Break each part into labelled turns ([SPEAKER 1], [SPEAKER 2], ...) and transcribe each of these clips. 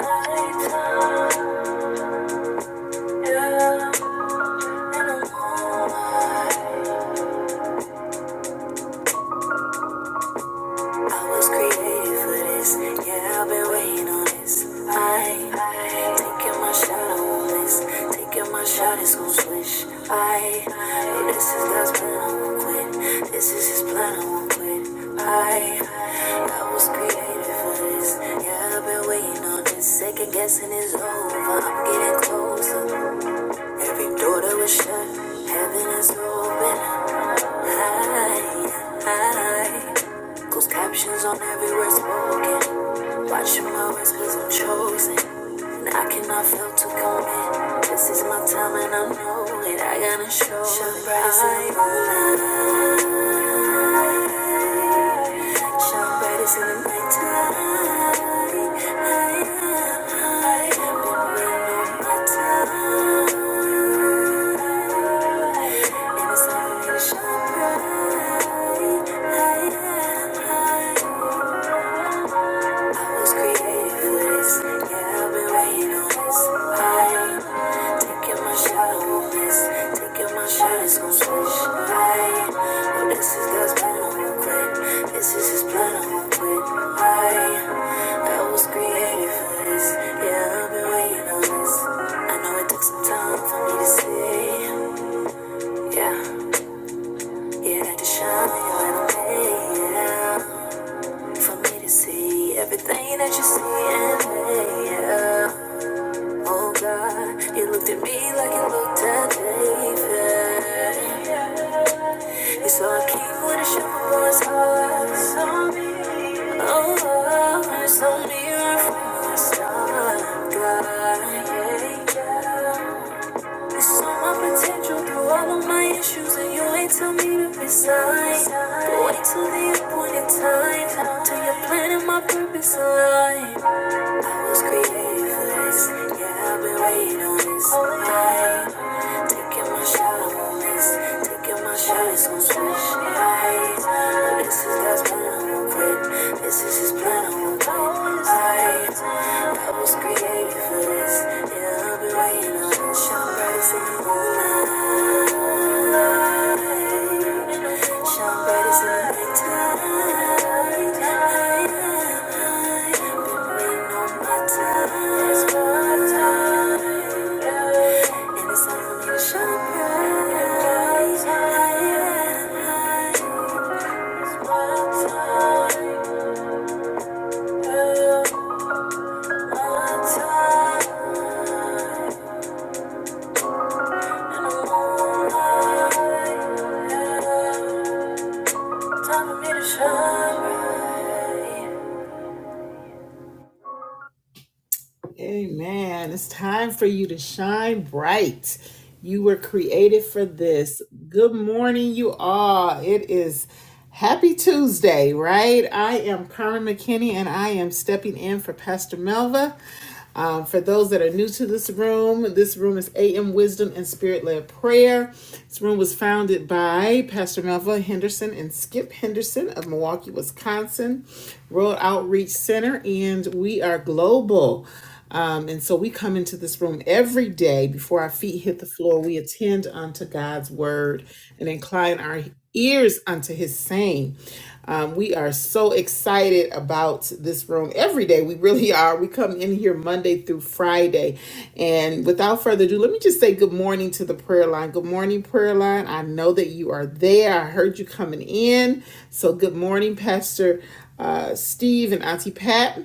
[SPEAKER 1] I was created for this. Yeah, I've been waiting on this. I taking my shot on this. Taking my shot, it's gon' swish. I oh, this is God's plan, I won't quit. This is His plan, I won't quit. I I was created for this. Yeah, I've been waiting on this. Second guessing is over. I'm getting closer. Every door that was shut, heaven is open. High, high. Ghost captions on every word spoken. Watching my words cause I'm chosen. And I cannot fail to commit. This is my time and I know it. I gotta show Shine bright in the moonlight. Shine bright in the nighttime. I've been waiting all my time. This is his plan, I'm gonna quit. I, I was created for this. Yeah, I've been waiting on this. I know it took some time for me to see. Yeah. Yeah, that to shine your way, yeah. For me to see everything that you see in me, yeah. Oh God, you looked at me like you looked at David. You saw a king with a shepherd boy's heart. It's on me. Oh, it's on me right from the start, God. Yeah, yeah. You saw my potential through all of my issues, and you ain't tell me to resign. But wait till the appointed time, till your plan and my purpose align. I was created for this, yeah, I've been waiting on this. I taking my shot, I won't miss. Taking my shot, it's gon' switch. I, this is God's plan, I won't quit. This is His plan, I won't quit. I, I was created for this, yeah, I've been waiting on this. Shine bright, Time. Time for me to shine bright. Amen. It's time for you to shine bright. You were created for this. Good morning, you all. It is happy Tuesday, right? I am Carmen McKinney and I am stepping in for Pastor Melva. Um, for those that are new to this room, this room is AM Wisdom and Spirit Led Prayer. This room was founded by Pastor Melva Henderson and Skip Henderson of Milwaukee, Wisconsin, World Outreach Center, and we are global. Um, and so we come into this room every day before our feet hit the floor. We attend unto God's word and incline our ears unto his saying. Um, we are so excited about this room every day. We really are. We come in here Monday through Friday. And without further ado, let me just say good morning to the prayer line. Good morning, prayer line. I know that you are there. I heard you coming in. So good morning, Pastor uh, Steve and Auntie Pat.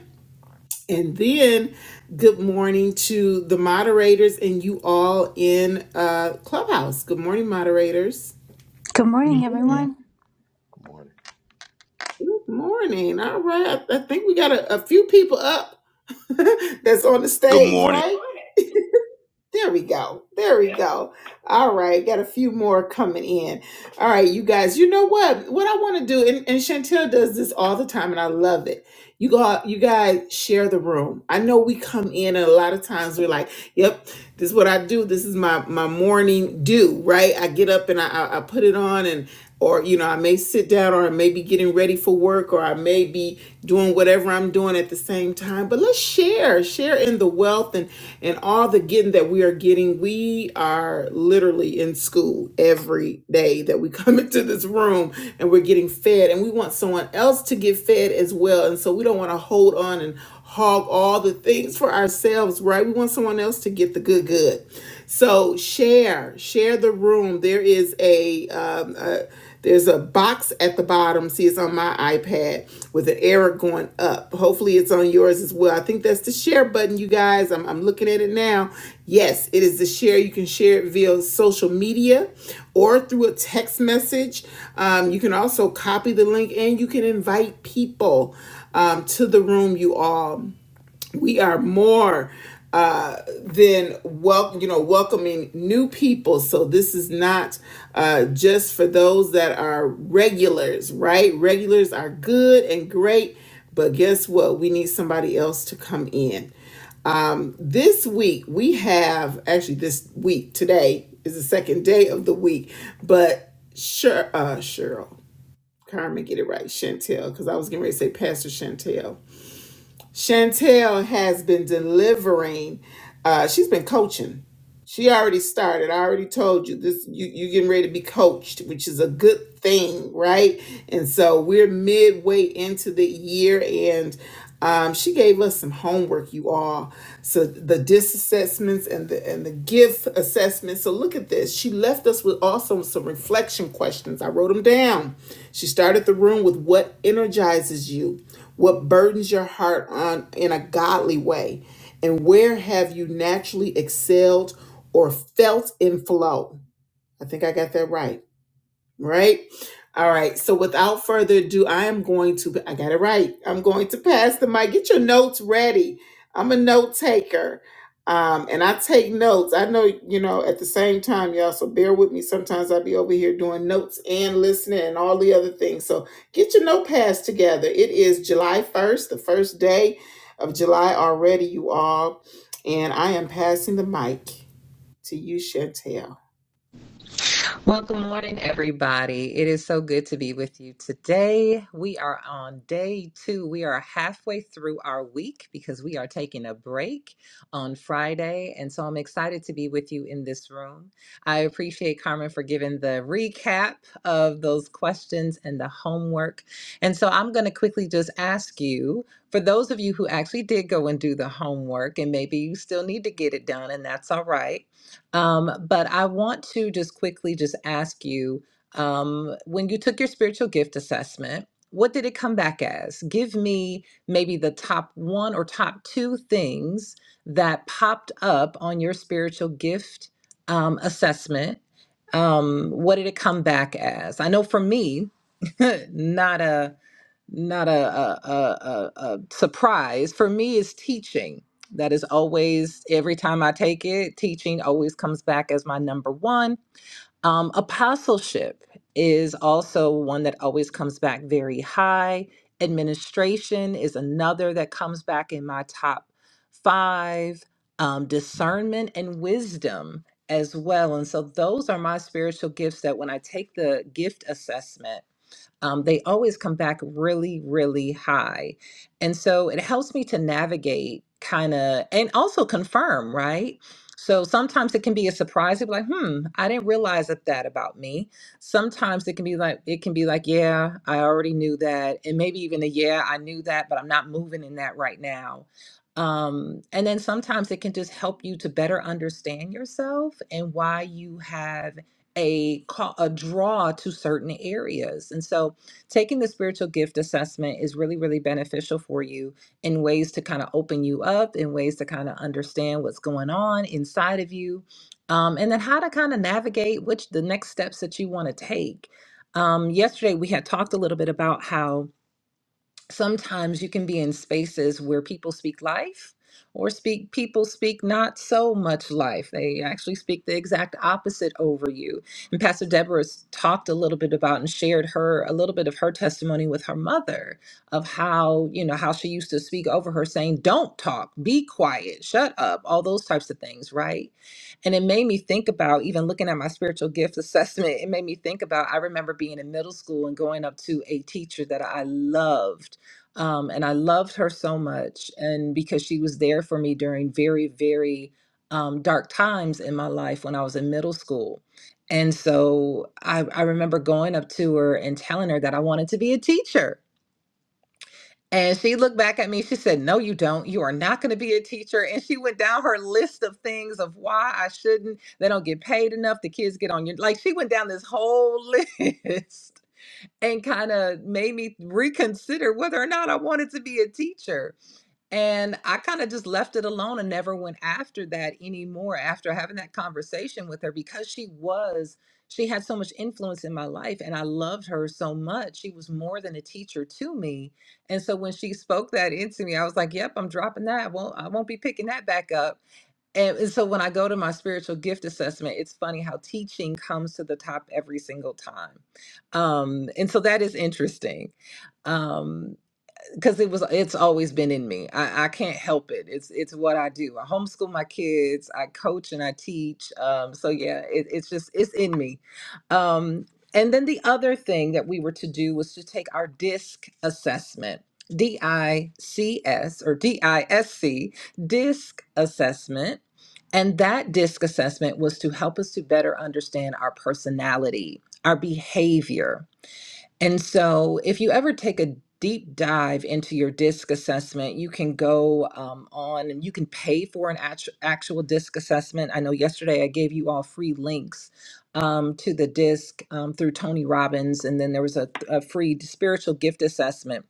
[SPEAKER 1] And then good morning to the moderators and you all in uh, Clubhouse. Good morning, moderators.
[SPEAKER 2] Good morning,
[SPEAKER 3] Good
[SPEAKER 4] morning.
[SPEAKER 2] everyone.
[SPEAKER 5] Good
[SPEAKER 1] Good morning. All right. I I think we got a, a few people up that's on the
[SPEAKER 6] Good
[SPEAKER 1] stage,
[SPEAKER 6] morning.
[SPEAKER 1] right? There we go. There we go. All right. Got a few more coming in. All right, you guys, you know what? What I want to do, and, and Chantel does this all the time, and I love it. you go out, you guys share the room. I know we come in and a lot of times we're like, yep, this is what I do. This is my my morning do, right? I get up and I, I I put it on and or you know, I may sit down or I may be getting ready for work or I may be doing whatever I'm doing at the same time. But let's share, share in the wealth and and all the getting that we are getting, we are literally in school every day that we come into this room and we're getting fed, and we want someone else to get fed as well. And so we don't want to hold on and hog all the things for ourselves, right? We want someone else to get the good, good. So share, share the room. There is a, um, a there's a box at the bottom. See, it's on my iPad with an arrow going up. Hopefully, it's on yours as well. I think that's the share button, you guys. I'm, I'm looking at it now. Yes, it is the share. You can share it via social media or through a text message. Um, you can also copy the link and you can invite people um, to the room, you all we are more uh, than welcome, you know, welcoming new people. So this is not uh, just for those that are regulars, right? Regulars are good and great, but guess what? We need somebody else to come in. Um, this week we have actually this week today is the second day of the week, but sure, uh, Cheryl, Carmen, get it right, Chantel, because I was getting ready to say Pastor Chantel Chantel has been delivering. Uh, she's been coaching. She already started. I already told you this. You you getting ready to be coached, which is a good thing, right? And so we're midway into the year, and um, she gave us some homework, you all. So the DIS assessments and the and the GIF assessments. So look at this. She left us with also some reflection questions. I wrote them down. She started the room with what energizes you what burdens your heart on in a godly way and where have you naturally excelled or felt in flow i think i got that right right? All right. So without further ado, I am going to, I got it right. I'm going to pass the mic. Get your notes ready. I'm a note taker. Um, and I take notes. I know, you know, at the same time, y'all, so bear with me. Sometimes I'll be over here doing notes and listening and all the other things. So get your notepads together. It is July 1st, the first day of July already, you all. And I am passing the mic to you, Chantel.
[SPEAKER 7] Well, good morning, everybody. It is so good to be with you today. We are on day two. We are halfway through our week because we are taking a break on Friday. And so I'm excited to be with you in this room. I appreciate Carmen for giving the recap of those questions and the homework. And so I'm going to quickly just ask you for those of you who actually did go and do the homework, and maybe you still need to get it done, and that's all right um, but I want to just quickly just ask you um, when you took your spiritual gift assessment, what did it come back as? Give me maybe the top one or top two things that popped up on your spiritual gift um, assessment. Um, what did it come back as? I know for me, not a not a, a, a, a, a surprise for me is teaching that is always every time i take it teaching always comes back as my number one um, apostleship is also one that always comes back very high administration is another that comes back in my top five um, discernment and wisdom as well and so those are my spiritual gifts that when i take the gift assessment um, they always come back really, really high. And so it helps me to navigate kind of and also confirm, right? So sometimes it can be a surprise. It'd be like, hmm, I didn't realize that, that about me. Sometimes it can be like, it can be like, yeah, I already knew that. And maybe even a yeah, I knew that, but I'm not moving in that right now. Um, and then sometimes it can just help you to better understand yourself and why you have a call, a draw to certain areas. And so taking the spiritual gift assessment is really really beneficial for you in ways to kind of open you up, in ways to kind of understand what's going on inside of you. Um, and then how to kind of navigate which the next steps that you want to take. Um, yesterday we had talked a little bit about how sometimes you can be in spaces where people speak life or speak people speak not so much life they actually speak the exact opposite over you and pastor deborah's talked a little bit about and shared her a little bit of her testimony with her mother of how you know how she used to speak over her saying don't talk be quiet shut up all those types of things right and it made me think about even looking at my spiritual gift assessment. It made me think about I remember being in middle school and going up to a teacher that I loved um, and I loved her so much. And because she was there for me during very, very um, dark times in my life when I was in middle school. And so I, I remember going up to her and telling her that I wanted to be a teacher. And she looked back at me. She said, No, you don't. You are not going to be a teacher. And she went down her list of things of why I shouldn't. They don't get paid enough. The kids get on your. Like she went down this whole list and kind of made me reconsider whether or not I wanted to be a teacher. And I kind of just left it alone and never went after that anymore after having that conversation with her because she was, she had so much influence in my life and I loved her so much. She was more than a teacher to me. And so when she spoke that into me, I was like, yep, I'm dropping that. I won't, I won't be picking that back up. And, and so when I go to my spiritual gift assessment, it's funny how teaching comes to the top every single time. Um, and so that is interesting. Um, because it was it's always been in me I, I can't help it it's it's what i do i homeschool my kids i coach and i teach um so yeah it, it's just it's in me um and then the other thing that we were to do was to take our disc assessment d-i-c-s or d-i-s-c disc assessment and that disc assessment was to help us to better understand our personality our behavior and so, if you ever take a deep dive into your DISC assessment, you can go um, on and you can pay for an actu- actual DISC assessment. I know yesterday I gave you all free links um, to the DISC um, through Tony Robbins, and then there was a, a free spiritual gift assessment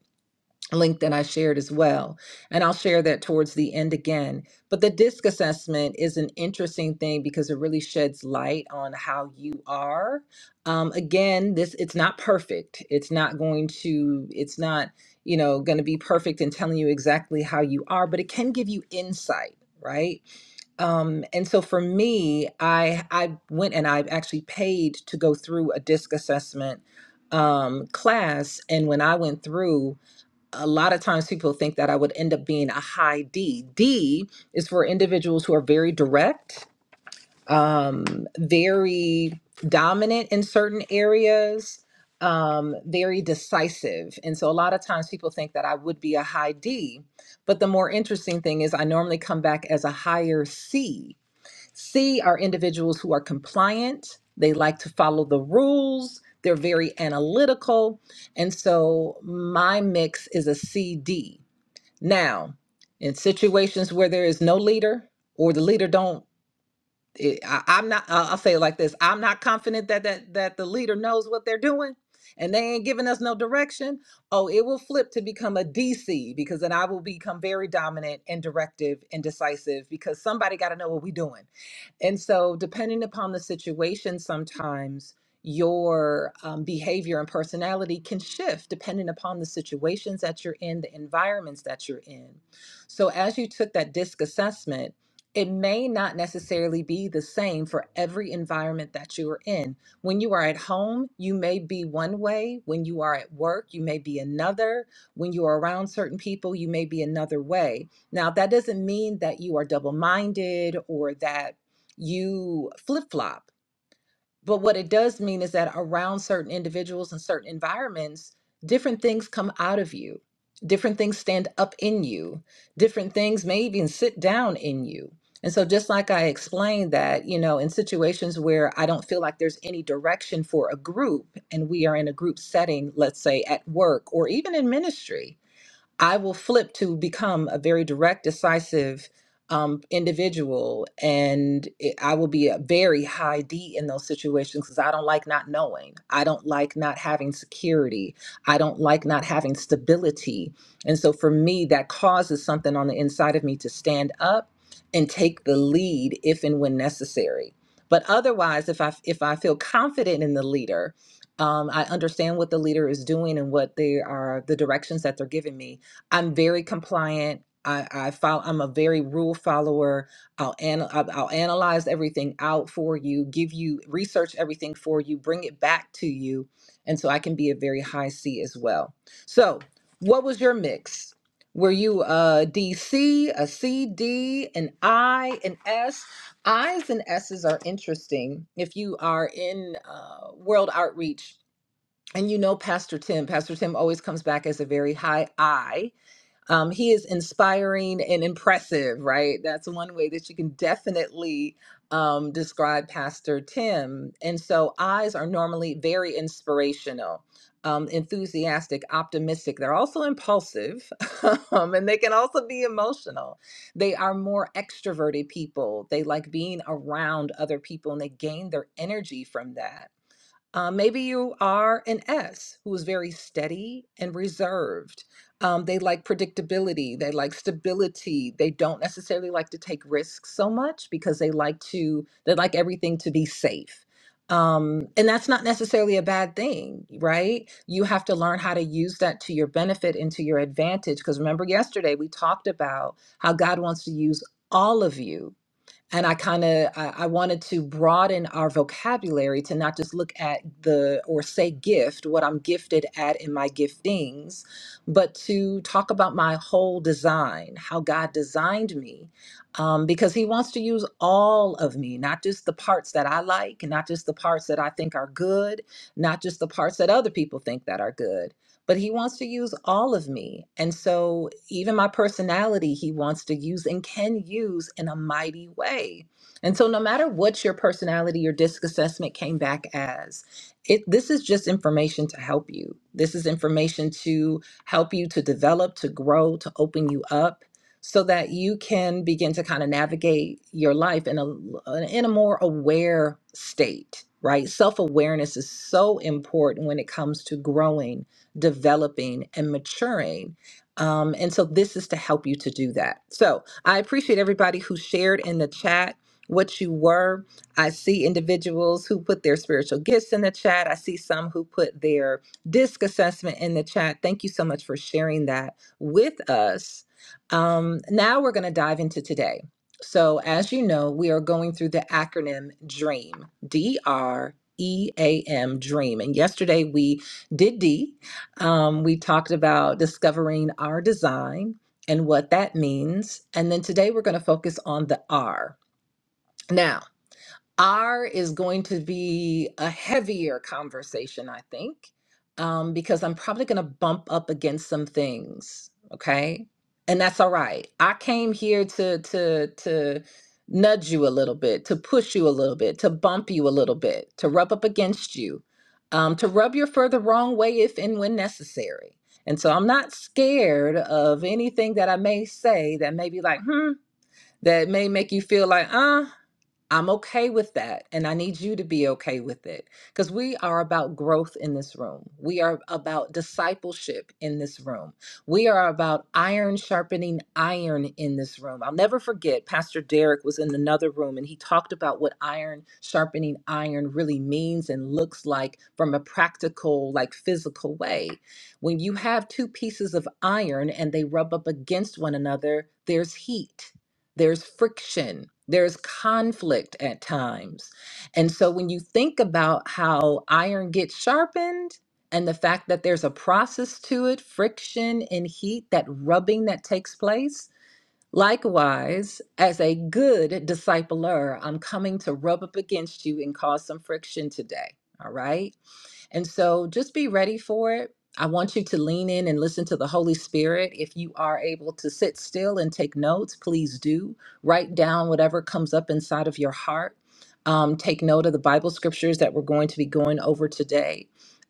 [SPEAKER 7] link that I shared as well. And I'll share that towards the end again. But the disc assessment is an interesting thing because it really sheds light on how you are. Um, again, this it's not perfect. It's not going to, it's not, you know, going to be perfect in telling you exactly how you are, but it can give you insight right um and so for me i i went and i actually paid to go through a disc assessment um class and when i went through a lot of times people think that I would end up being a high D. D is for individuals who are very direct, um, very dominant in certain areas, um, very decisive. And so a lot of times people think that I would be a high D. But the more interesting thing is, I normally come back as a higher C C are individuals who are compliant. They like to follow the rules. They're very analytical. And so my mix is a C D. Now, in situations where there is no leader or the leader don't it, I, I'm not I'll, I'll say it like this. I'm not confident that that that the leader knows what they're doing and they ain't giving us no direction. Oh, it will flip to become a D C because then I will become very dominant and directive and decisive because somebody got to know what we're doing and so, depending upon the situation, sometimes your um, behavior and personality can shift depending upon the situations that you're in, the environments that you're in. So, as you took that DISC assessment, it may not necessarily be the same for every environment that you are in. When you are at home, you may be one way. When you are at work, you may be another. When you are around certain people, you may be another way. Now, that doesn't mean that you are double minded or that you flip flop. But what it does mean is that around certain individuals and certain environments, different things come out of you. Different things stand up in you. Different things may even sit down in you. And so, just like I explained that, you know, in situations where I don't feel like there's any direction for a group and we are in a group setting, let's say at work or even in ministry, I will flip to become a very direct, decisive um, individual, and it, I will be a very high D in those situations because I don't like not knowing. I don't like not having security. I don't like not having stability. And so for me, that causes something on the inside of me to stand up and take the lead if and when necessary. But otherwise, if I if I feel confident in the leader, um, I understand what the leader is doing and what they are the directions that they're giving me I'm very compliant. I, I follow, I'm a very rule follower. I'll, ana- I'll I'll analyze everything out for you, give you research everything for you, bring it back to you, and so I can be a very high C as well. So, what was your mix? Were you a D C, a C D, an I, an S? I's and S's are interesting. If you are in uh, world outreach and you know Pastor Tim, Pastor Tim always comes back as a very high I um, he is inspiring and impressive, right? That's one way that you can definitely um, describe Pastor Tim. And so, eyes are normally very inspirational, um, enthusiastic, optimistic. They're also impulsive, um, and they can also be emotional. They are more extroverted people. They like being around other people and they gain their energy from that. Uh, maybe you are an S who is very steady and reserved. Um, they like predictability, they like stability. They don't necessarily like to take risks so much because they like to they like everything to be safe. Um, and that's not necessarily a bad thing, right? You have to learn how to use that to your benefit and to your advantage. Because remember, yesterday we talked about how God wants to use all of you and i kind of I, I wanted to broaden our vocabulary to not just look at the or say gift what i'm gifted at in my giftings but to talk about my whole design how god designed me um, because he wants to use all of me not just the parts that i like not just the parts that i think are good not just the parts that other people think that are good but he wants to use all of me. And so, even my personality, he wants to use and can use in a mighty way. And so, no matter what your personality or disc assessment came back as, it, this is just information to help you. This is information to help you to develop, to grow, to open you up so that you can begin to kind of navigate your life in a in a more aware state right self-awareness is so important when it comes to growing developing and maturing. Um, and so this is to help you to do that. So I appreciate everybody who shared in the chat what you were. I see individuals who put their spiritual gifts in the chat. I see some who put their disc assessment in the chat. Thank you so much for sharing that with us. Um, now we're going to dive into today. So, as you know, we are going through the acronym DREAM, D R E A M, DREAM. And yesterday we did D. Um, we talked about discovering our design and what that means. And then today we're going to focus on the R. Now, R is going to be a heavier conversation, I think, um, because I'm probably going to bump up against some things. Okay, and that's all right. I came here to to to nudge you a little bit, to push you a little bit, to bump you a little bit, to rub up against you, um, to rub your fur the wrong way if and when necessary. And so I'm not scared of anything that I may say that may be like, hmm, that may make you feel like, uh, I'm okay with that. And I need you to be okay with it because we are about growth in this room. We are about discipleship in this room. We are about iron sharpening iron in this room. I'll never forget, Pastor Derek was in another room and he talked about what iron sharpening iron really means and looks like from a practical, like physical way. When you have two pieces of iron and they rub up against one another, there's heat there's friction, there's conflict at times. And so when you think about how iron gets sharpened and the fact that there's a process to it, friction and heat, that rubbing that takes place. Likewise, as a good discipler, I'm coming to rub up against you and cause some friction today. All right. And so just be ready for it. I want you to lean in and listen to the Holy Spirit. If you are able to sit still and take notes, please do. Write down whatever comes up inside of your heart. Um, take note of the Bible scriptures that we're going to be going over today.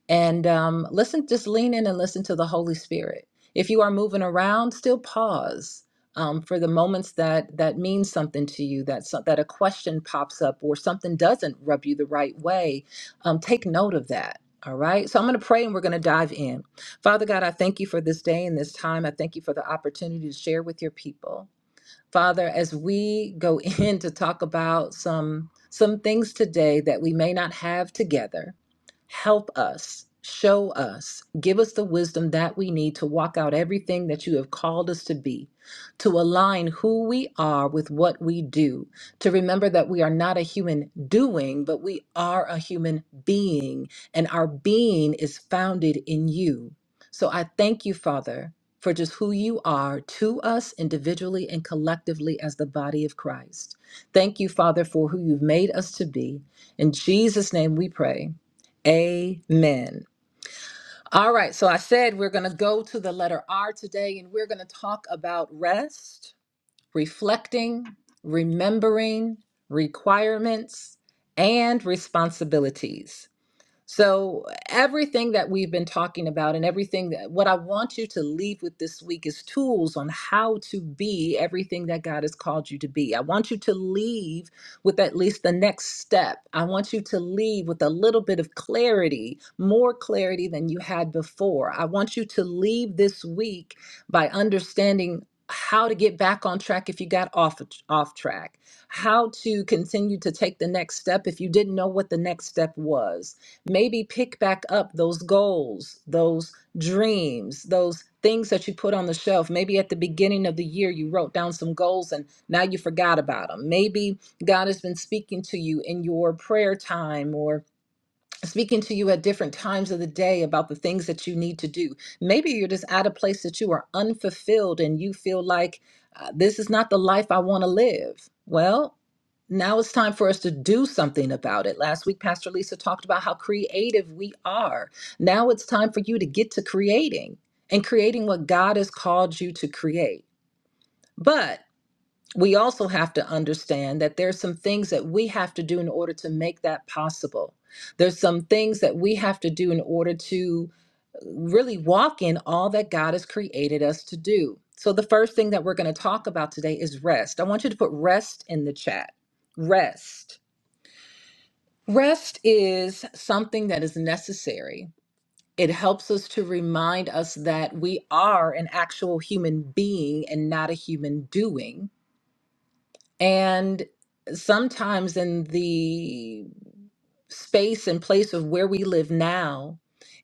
[SPEAKER 7] And um, listen, just lean in and listen to the Holy Spirit. If you are moving around, still pause um, for the moments that that means something to you, that so, that a question pops up or something doesn't rub you the right way. Um, take note of that all right. So I'm going to pray and we're going to dive in. Father God, I thank you for this day and this time. I thank you for the opportunity to share with your people. Father, as we go in to talk about some some things today that we may not have together, help us, show us, give us the wisdom that we need to walk out everything that you have called us to be, to align who we are with what we do, to remember that we are not a human doing, but we are a human being, and our being is founded in you. So I thank you, Father, for just who you are to us individually and collectively as the body of Christ. Thank you, Father, for who you've made us to be. In Jesus' name we pray. Amen. All right, so I said we're going to go to the letter R today and we're going to talk about rest, reflecting, remembering, requirements, and responsibilities. So, everything that we've been talking about, and everything that what I want you to leave with this week is tools on how to be everything that God has called you to be. I want you to leave with at least the next step. I want you to leave with a little bit of clarity, more clarity than you had before. I want you to leave this week by understanding how to get back on track if you got off off track how to continue to take the next step if you didn't know what the next step was maybe pick back up those goals, those dreams, those things that you put on the shelf. Maybe at the beginning of the year, you wrote down some goals and now you forgot about them. Maybe God has been speaking to you in your prayer time or speaking to you at different times of the day about the things that you need to do. Maybe you're just at a place that you are unfulfilled and you feel like uh, this is not the life I want to live. Well, now it's time for us to do something about it. Last week, Pastor Lisa talked about how creative we are. Now it's time for you to get to creating and creating what God has called you to create. But we also have to understand that there's some things that we have to do in order to make that possible. There's some things that we have to do in order to uh, really walk in all that God has created us to do. So the first thing that we're going to talk about today is rest. I want you to put rest in the chat. Rest. Rest is something that is necessary. It helps us to remind us that we are an actual human being and not a human doing and sometimes in the space and place of where we live now,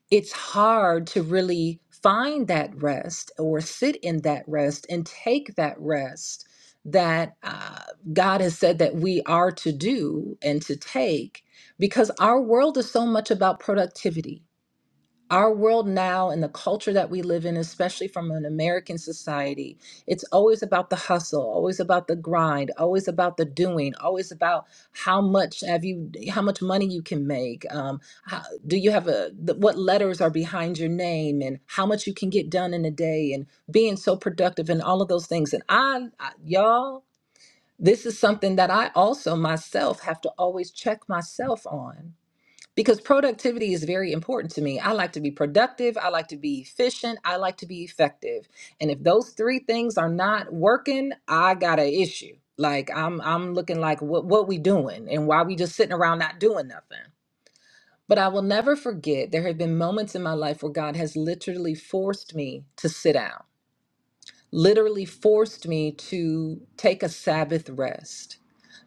[SPEAKER 7] it's hard to really find that rest or sit in that rest and take that rest that uh, God has said that we are to do and to take because our world is so much about productivity our world now and the culture that we live in, especially from an American society, it's always about the hustle, always about the grind, always about the doing, always about how much have you, how much money you can make. Um, how, do you have a the, what letters are behind your name and how much you can get done in a day and being so productive and all of those things. And I, I y'all, this is something that I also myself have to always check myself on because productivity is very important to me. I like to be productive, I like to be efficient, I like to be effective. And if those three things are not working, I got an issue. Like I'm I'm looking like what what we doing and why we just sitting around not doing nothing. But I will never forget there have been moments in my life where God has literally forced me to sit down. Literally forced me to take a Sabbath rest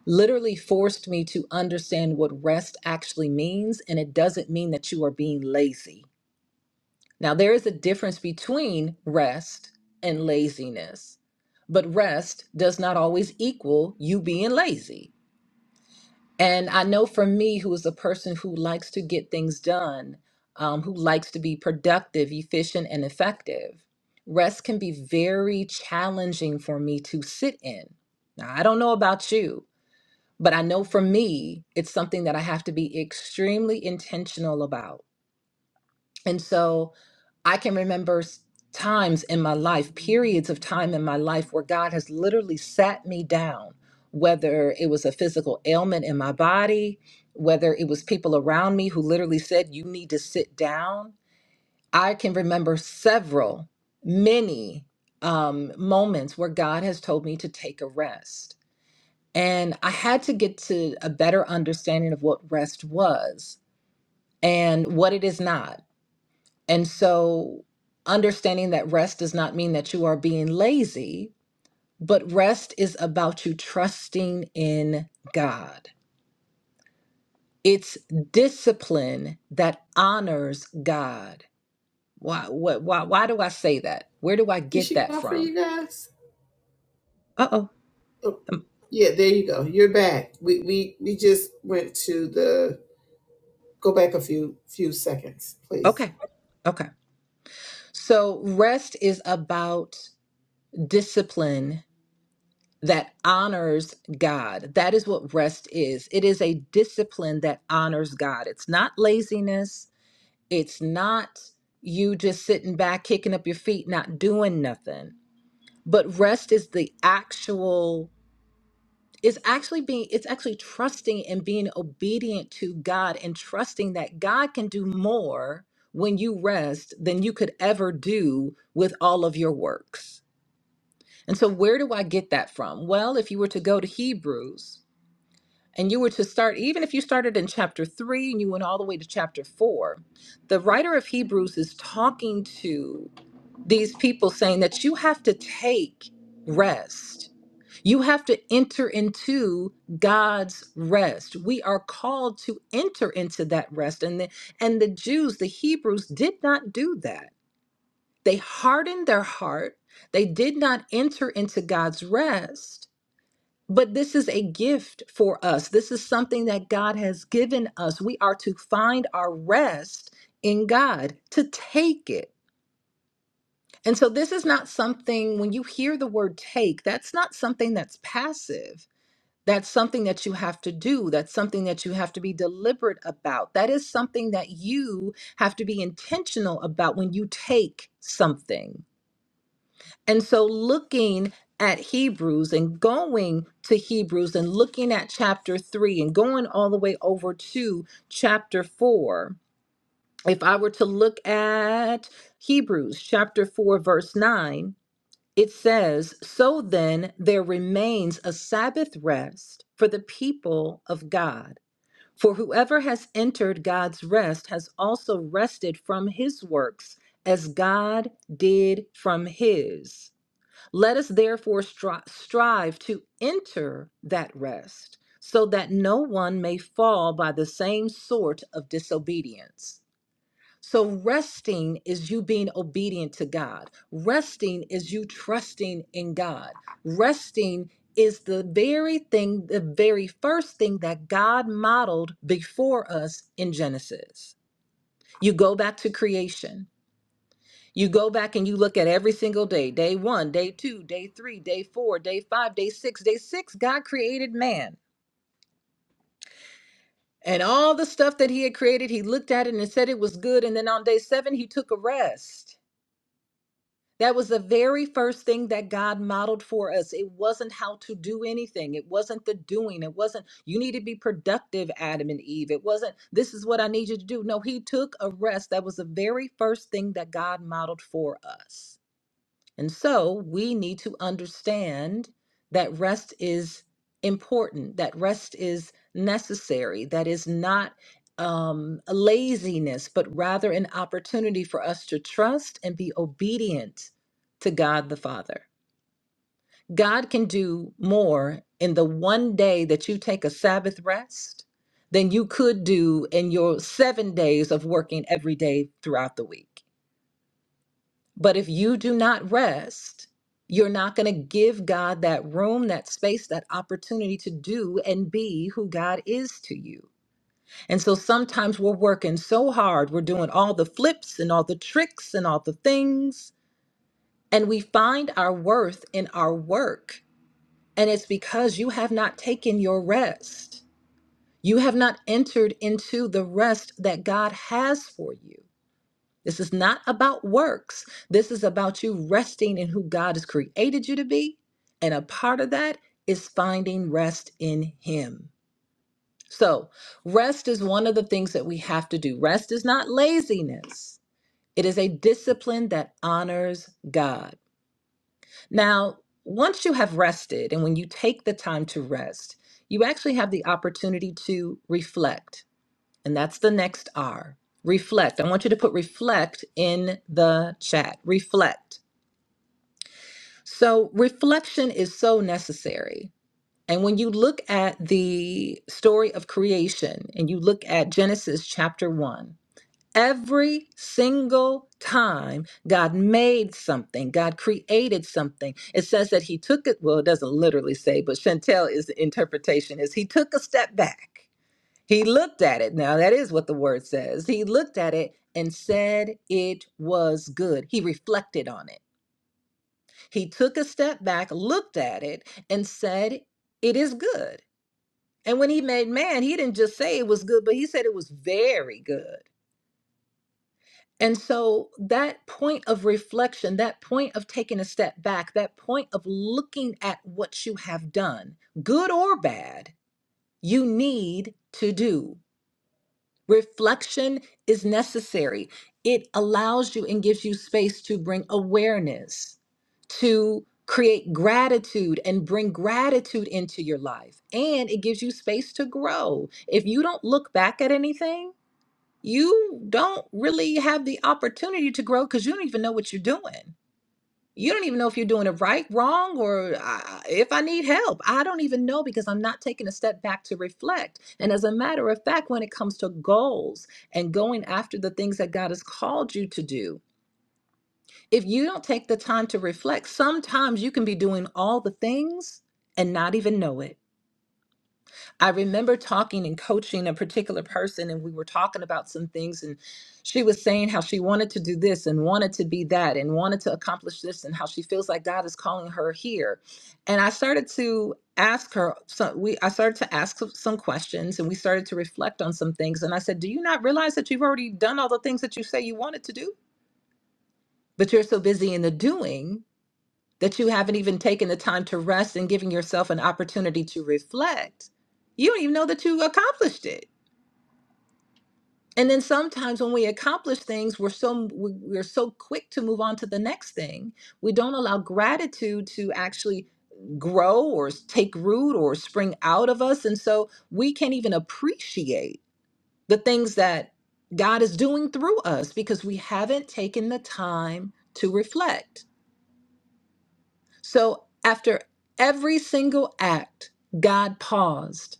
[SPEAKER 7] literally forced me to understand what rest actually means. And it doesn't mean that you are being lazy. Now, there is a difference between rest and laziness, but rest does not always equal you being lazy. And I know for me, who is a person who likes to get things done, um, who likes to be productive, efficient, and effective, rest can be very challenging for me to sit in. Now, I don't know about you, but I know for me, it's something that I have to be extremely intentional about. And so I can remember s- times in my life, periods of time in my life where God has literally sat me down, whether it was a physical ailment in my body, whether it was people around me who literally said, You need to sit down. I can remember several, many um, moments where God has told me to take a rest and I had to get to a better understanding of what rest was and what it is not. And so, understanding that rest does not mean that you are being lazy, but rest is about you trusting in God. It's discipline that honors God. Why, what, why, why do I say that? Where do I
[SPEAKER 1] Did
[SPEAKER 7] get
[SPEAKER 1] she
[SPEAKER 7] that
[SPEAKER 1] go for
[SPEAKER 7] from?
[SPEAKER 1] you guys?
[SPEAKER 7] Uh oh.
[SPEAKER 1] Oh, yeah, there you go. You're back. We we we just went to the Go back a few few seconds, please.
[SPEAKER 7] Okay. Okay. So, rest is about discipline that honors God. That is what rest is. It is a discipline that honors God. It's not laziness. It's not you just sitting back, kicking up your feet, not doing nothing. But rest is the actual, it's actually being, it's actually trusting and being obedient to God and trusting that God can do more when you rest than you could ever do with all of your works. And so, where do I get that from? Well, if you were to go to Hebrews, and you were to start, even if you started in chapter three and you went all the way to chapter four, the writer of Hebrews is talking to these people saying that you have to take rest. You have to enter into God's rest. We are called to enter into that rest. And the, and the Jews, the Hebrews, did not do that. They hardened their heart, they did not enter into God's rest. But this is a gift for us. This is something that God has given us. We are to find our rest in God, to take it. And so, this is not something, when you hear the word take, that's not something that's passive. That's something that you have to do. That's something that you have to be deliberate about. That is something that you have to be intentional about when you take something. And so, looking at Hebrews and going to Hebrews and looking at chapter three and going all the way over to chapter four, if I were to look at Hebrews chapter four, verse nine, it says, So then there remains a Sabbath rest for the people of God. For whoever has entered God's rest has also rested from his works as God did from his. Let us therefore stri- strive to enter that rest, so that no one may fall by the same sort of disobedience. So, resting is you being obedient to God. Resting is you trusting in God. Resting is the very thing, the very first thing that God modeled before us in Genesis. You go back to creation you go back and you look at every single day day one, day two, day three, day four, day five, day six. Day six, God created man. And all the stuff that he had created, he looked at it and said it was good. And then on day seven, he took a rest. That was the very first thing that God modeled for us. It wasn't how to do anything. It wasn't the doing. It wasn't, you need to be productive, Adam and Eve. It wasn't, this is what I need you to do. No, he took a rest. That was the very first thing that God modeled for us. And so we need to understand that rest is important, that rest is necessary, that is not um, a laziness, but rather an opportunity for us to trust and be obedient to God the Father. God can do more in the one day that you take a Sabbath rest than you could do in your seven days of working every day throughout the week. But if you do not rest, you're not going to give God that room, that space, that opportunity to do and be who God is to you. And so sometimes we're working so hard, we're doing all the flips and all the tricks and all the things, and we find our worth in our work. And it's because you have not taken your rest. You have not entered into the rest that God has for you. This is not about works. This is about you resting in who God has created you to be. And a part of that is finding rest in Him. So, rest is one of the things that we have to do. Rest is not laziness, it is a discipline that honors God. Now, once you have rested and when you take the time to rest, you actually have the opportunity to reflect and that's the next R. Reflect. I want you to put reflect in the chat. Reflect. So, reflection is so necessary. And when you look at the story of creation and you look at Genesis chapter 1, every single time God made something, God created something, it says that he took it, well, it doesn't literally say, but Chantel is the interpretation is he took a step back he looked at it. Now, that is what the word says. He looked at it and said it was good. He reflected on it. He took a step back, looked at it, and said, It is good. And when he made man, he didn't just say it was good, but he said it was very good. And so that point of reflection, that point of taking a step back, that point of looking at what you have done, good or bad, you need to do. Reflection is necessary. It allows you and gives you space to bring awareness, to create gratitude and bring gratitude into your life. And it gives you space to grow. If you don't look back at anything, you don't really have the opportunity to grow because you don't even know what you're doing you don't even know if you're doing it right, wrong, or uh, if I need help. I don't even know because I'm not taking a step back to reflect. And as a matter of fact, when it comes to goals and going after the things that God has called you to do, if you don't take the time to reflect, sometimes you can be doing all the things and not even know it I remember talking and coaching a particular person, and we were talking about some things, and she was saying how she wanted to do this and wanted to be that and wanted to accomplish this, and how she feels like God is calling her here. And I started to ask her some we I started to ask some some questions and we started to reflect on some things and I said, "Do you not realize that you've already done all the things that you say you wanted to do? But you're so busy in the doing that you haven't even taken the time to rest and giving yourself an opportunity to reflect. You don't even know that you accomplished it. And then sometimes when we accomplish things, we're so we- we're so quick to move on to the next thing. We don't allow gratitude to actually grow or s- take root or spring out of us, and so we can't even appreciate the things that God is doing through us because we haven't taken the time to reflect. So after every single act, God paused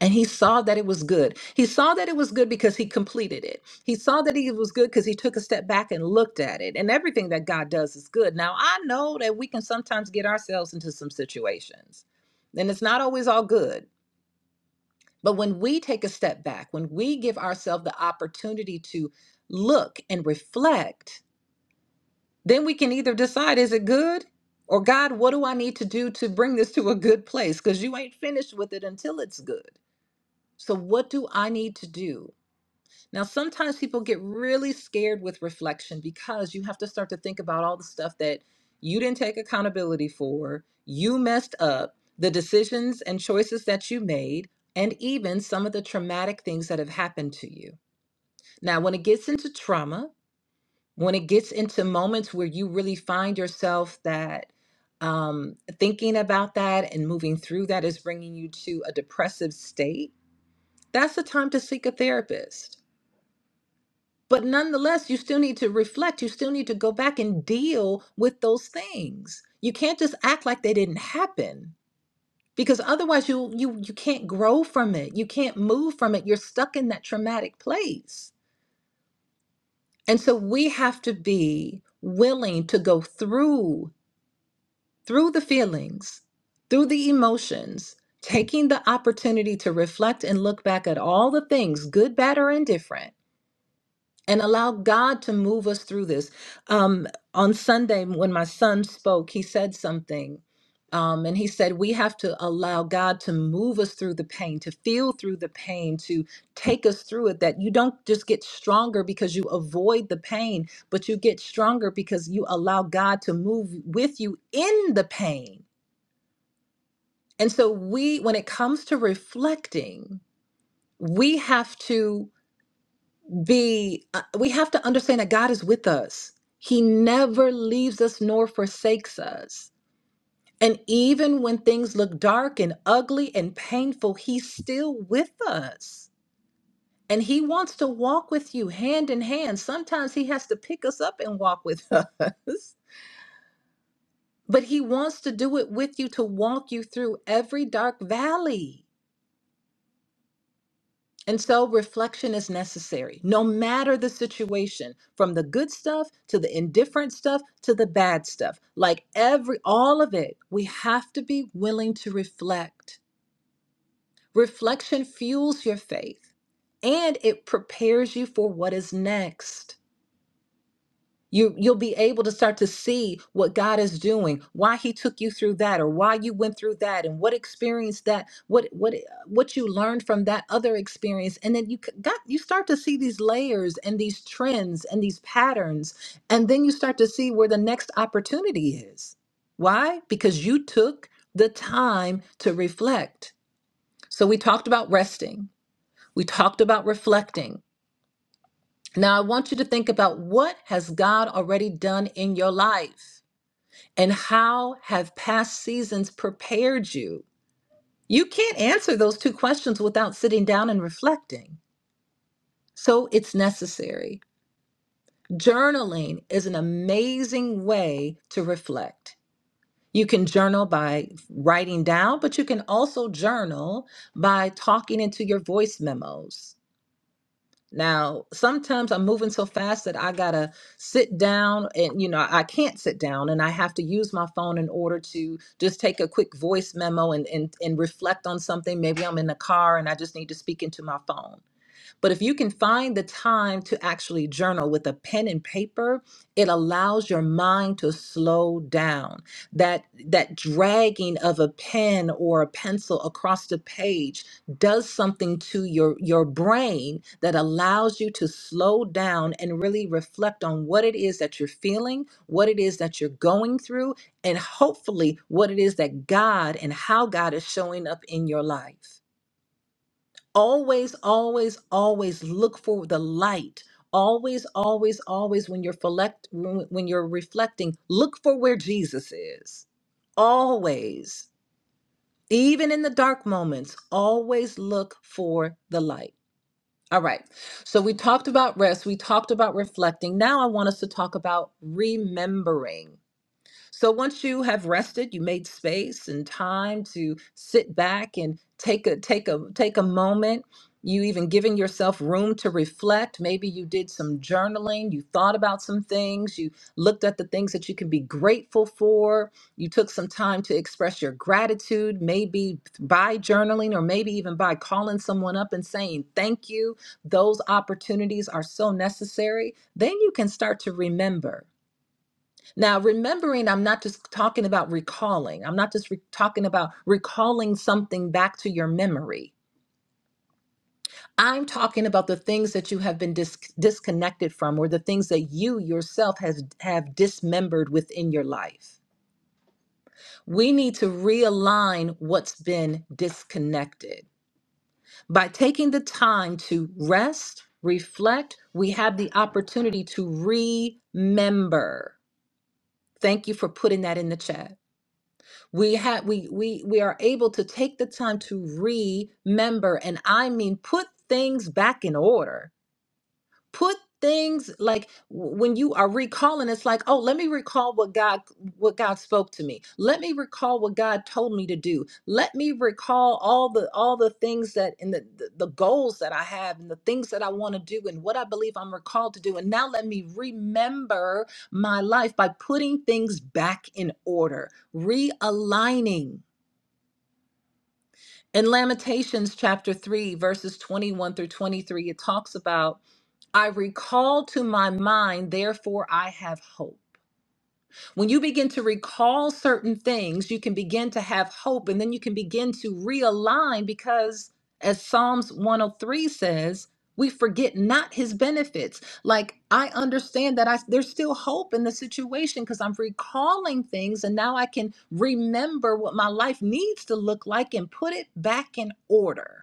[SPEAKER 7] and he saw that it was good. He saw that it was good because he completed it. He saw that it was good because he took a step back and looked at it. And everything that God does is good. Now, I know that we can sometimes get ourselves into some situations, and it's not always all good. But when we take a step back, when we give ourselves the opportunity to look and reflect, Then we can either decide is it good or God, what do I need to do to bring this to a good place? Because you ain't finished with it until it's good. So, what do I need to do? Now, sometimes people get really scared with reflection because you have to start to think about all the stuff that you didn't take accountability for, you messed up, the decisions and choices that you made, and even some of the traumatic things that have happened to you. Now, when it gets into trauma, when it gets into moments where you really find yourself that um, thinking about that and moving through that is bringing you to a depressive state, that's the time to seek a therapist. But nonetheless, you still need to reflect. You still need to go back and deal with those things. You can't just act like they didn't happen because otherwise you you you can't grow from it. You can't move from it. You're stuck in that traumatic place. And so we have to be willing to go through through the feelings, through the emotions, taking the opportunity to reflect and look back at all the things, good, bad, or indifferent, and allow God to move us through this. Um, on Sunday, when my son spoke, he said something. Um, and he said, We have to allow God to move us through the pain, to feel through the pain, to take us through it. That you don't just get stronger because you avoid the pain, but you get stronger because you allow God to move with you in the pain and so we when it comes to reflecting, we have to be uh, we have to understand that God is with us. He never leaves us nor forsakes us. And even when things look dark and ugly and painful, he's still with us. And he wants to walk with you hand in hand. Sometimes he has to pick us up and walk with us. But he wants to do it with you to walk you through every dark valley And so reflection is necessary, no matter the situation, from the good stuff to the indifferent stuff to the bad stuff. Like every, all of it, we have to be willing to reflect. Reflection fuels your faith and it prepares you for what is next. You you'll be able to start to see what God is doing, why he took you through that or why you went through that and what experience that what what what you learned from that other experience and then you c- got you start to see these layers and these trends and these patterns and then you start to see where the next opportunity is. Why? Because you took the time to reflect. So we talked about resting. We talked about reflecting. Now, I want you to think about what has God already done in your life and how have past seasons prepared you? You can't answer those two questions without sitting down and reflecting. So it's necessary. Journaling is an amazing way to reflect. You can journal by writing down, but you can also journal by talking into your voice memos. Now, sometimes I'm moving so fast that I gotta sit down and, you know, I can't sit down and I have to use my phone in order to just take a quick voice memo and, and, and reflect on something. Maybe I'm in the car and I just need to speak into my phone. But if you can find the time to actually journal with a pen and paper, it allows your mind to slow down. That that dragging of a pen or a pencil across the page does something to your your brain that allows you to slow down and really reflect on what it is that you're feeling, what it is that you're going through, and hopefully what it is that God and how God is showing up in your life always always always look for the light always always always when you're reflect when you're reflecting look for where jesus is always even in the dark moments always look for the light all right so we talked about rest we talked about reflecting now i want us to talk about remembering so once you have rested, you made space and time to sit back and take a take a take a moment. You even giving yourself room to reflect. Maybe you did some journaling, you thought about some things, you looked at the things that you can be grateful for. You took some time to express your gratitude, maybe by journaling or maybe even by calling someone up and saying thank you. Those opportunities are so necessary. Then you can start to remember. Now, remembering, I'm not just talking about recalling. I'm not just re- talking about recalling something back to your memory. I'm talking about the things that you have been dis- disconnected from or the things that you yourself has, have dismembered within your life. We need to realign what's been disconnected. By taking the time to rest, reflect, we have the opportunity to remember. Thank you for putting that in the chat we have we we we are able to take the time to remember and i mean put things back in order put things like w- when you are recalling it's like oh let me recall what god what god spoke to me let me recall what god told me to do let me recall all the all the things that and the the, the goals that i have and the things that i want to do and what i believe i'm recalled to do and now let me remember my life by putting things back in order realigning in lamentations chapter 3 verses 21 through 23 it talks about I recall to my mind, therefore I have hope. When you begin to recall certain things, you can begin to have hope and then you can begin to realign because, as Psalms 103 says, we forget not his benefits. Like, I understand that I, there's still hope in the situation because I'm recalling things and now I can remember what my life needs to look like and put it back in order.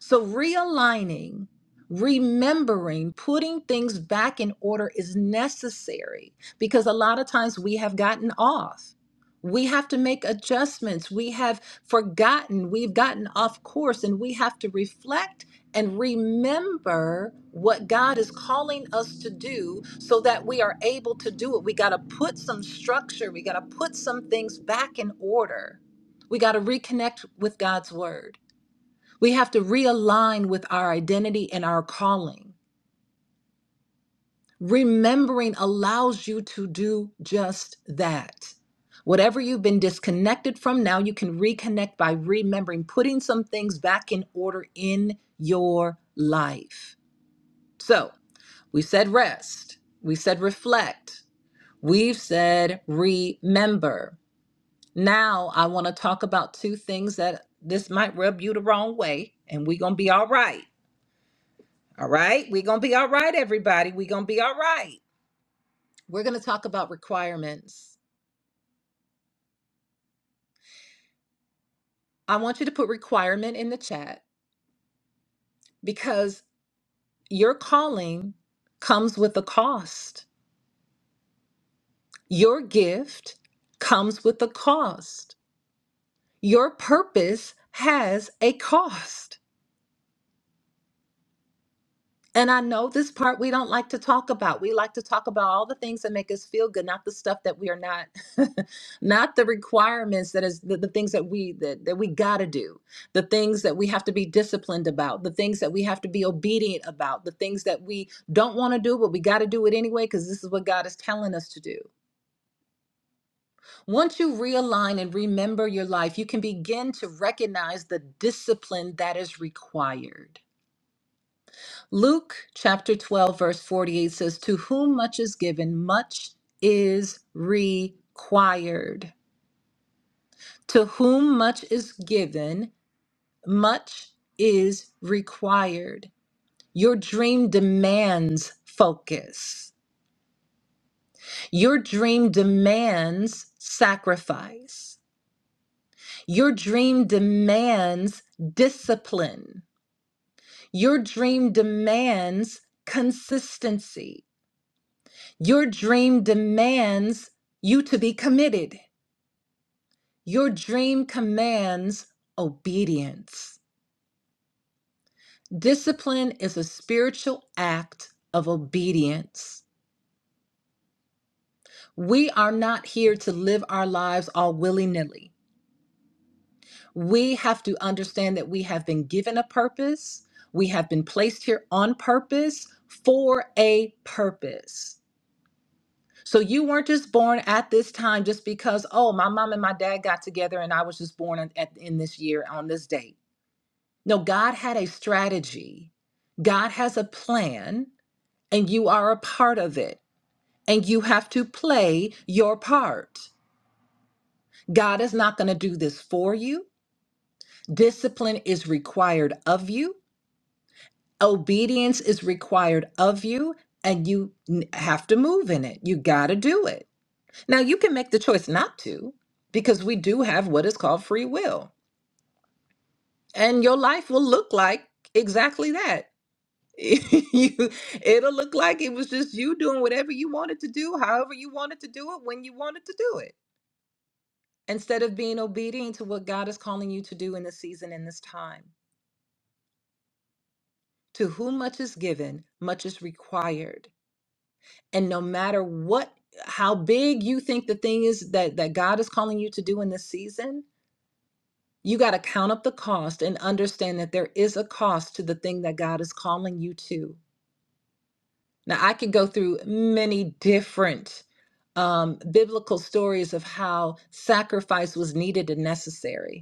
[SPEAKER 7] So realigning, remembering, putting things back in order is necessary because a lot of times we have gotten off. We have to make adjustments. We have forgotten. We've gotten off course and we have to reflect and remember what God is calling us to do so that we are able to do it. We got to put some structure. We got to put some things back in order. We got to reconnect with God's word. We have to realign with our identity and our calling. Remembering allows you to do just that. Whatever you've been disconnected from, now you can reconnect by remembering, putting some things back in order in your life. So we said rest, we said reflect, we've said remember. Now I want to talk about two things that this might rub you the wrong way, and we're going to be all right All right. We're going to be all right, everybody. We're going to be all right. We're going to talk about requirements. I want you to put requirement in the chat because your calling comes with a cost. Your gift comes with a cost. Your purpose has a cost. And I know this part we don't like to talk about. We like to talk about all the things that make us feel good, not the stuff that we are not, not the requirements that is the, the things that we that, that we gotta do, the things that we have to be disciplined about, the things that we have to be obedient about, the things that we don't want to do, but we gotta do it anyway, because this is what God is telling us to do. Once you realign and remember your life, you can begin to recognize the discipline that is required Luke chapter 12, verse 48 says, To whom much is given, much is required. To whom much is given, much is required. Your dream demands focus. Your dream demands sacrifice. Your dream demands discipline. Your dream demands consistency. Your dream demands you to be committed. Your dream commands obedience. Discipline is a spiritual act of obedience. We are not here to live our lives all willy nilly. We have to understand that we have been given a purpose, we have been placed here on purpose for a purpose. So you weren't just born at this time just because, oh, my mom and my dad got together and I was just born in, at, in this year on this date. No, God had a strategy, God has a plan, and you are a part of it. And you have to play your part. God is not going to do this for you. Discipline is required of you, obedience is required of you, and you n- have to move in it. You got to do it. Now, you can make the choice not to because we do have what is called free will. And your life will look like exactly that. You- it'll look like it was just you doing whatever you wanted to do, however you wanted to do it, when you wanted to do it, instead of being obedient to what God is calling you to do in this season, in this time. To whom much is given, much is required. And no matter what, how big you think the thing is that, that God is calling you to do in this season, You got to count up the cost and understand that there is a cost to the thing that God is calling you to. Now, I could go through many different um, biblical stories of how sacrifice was needed and necessary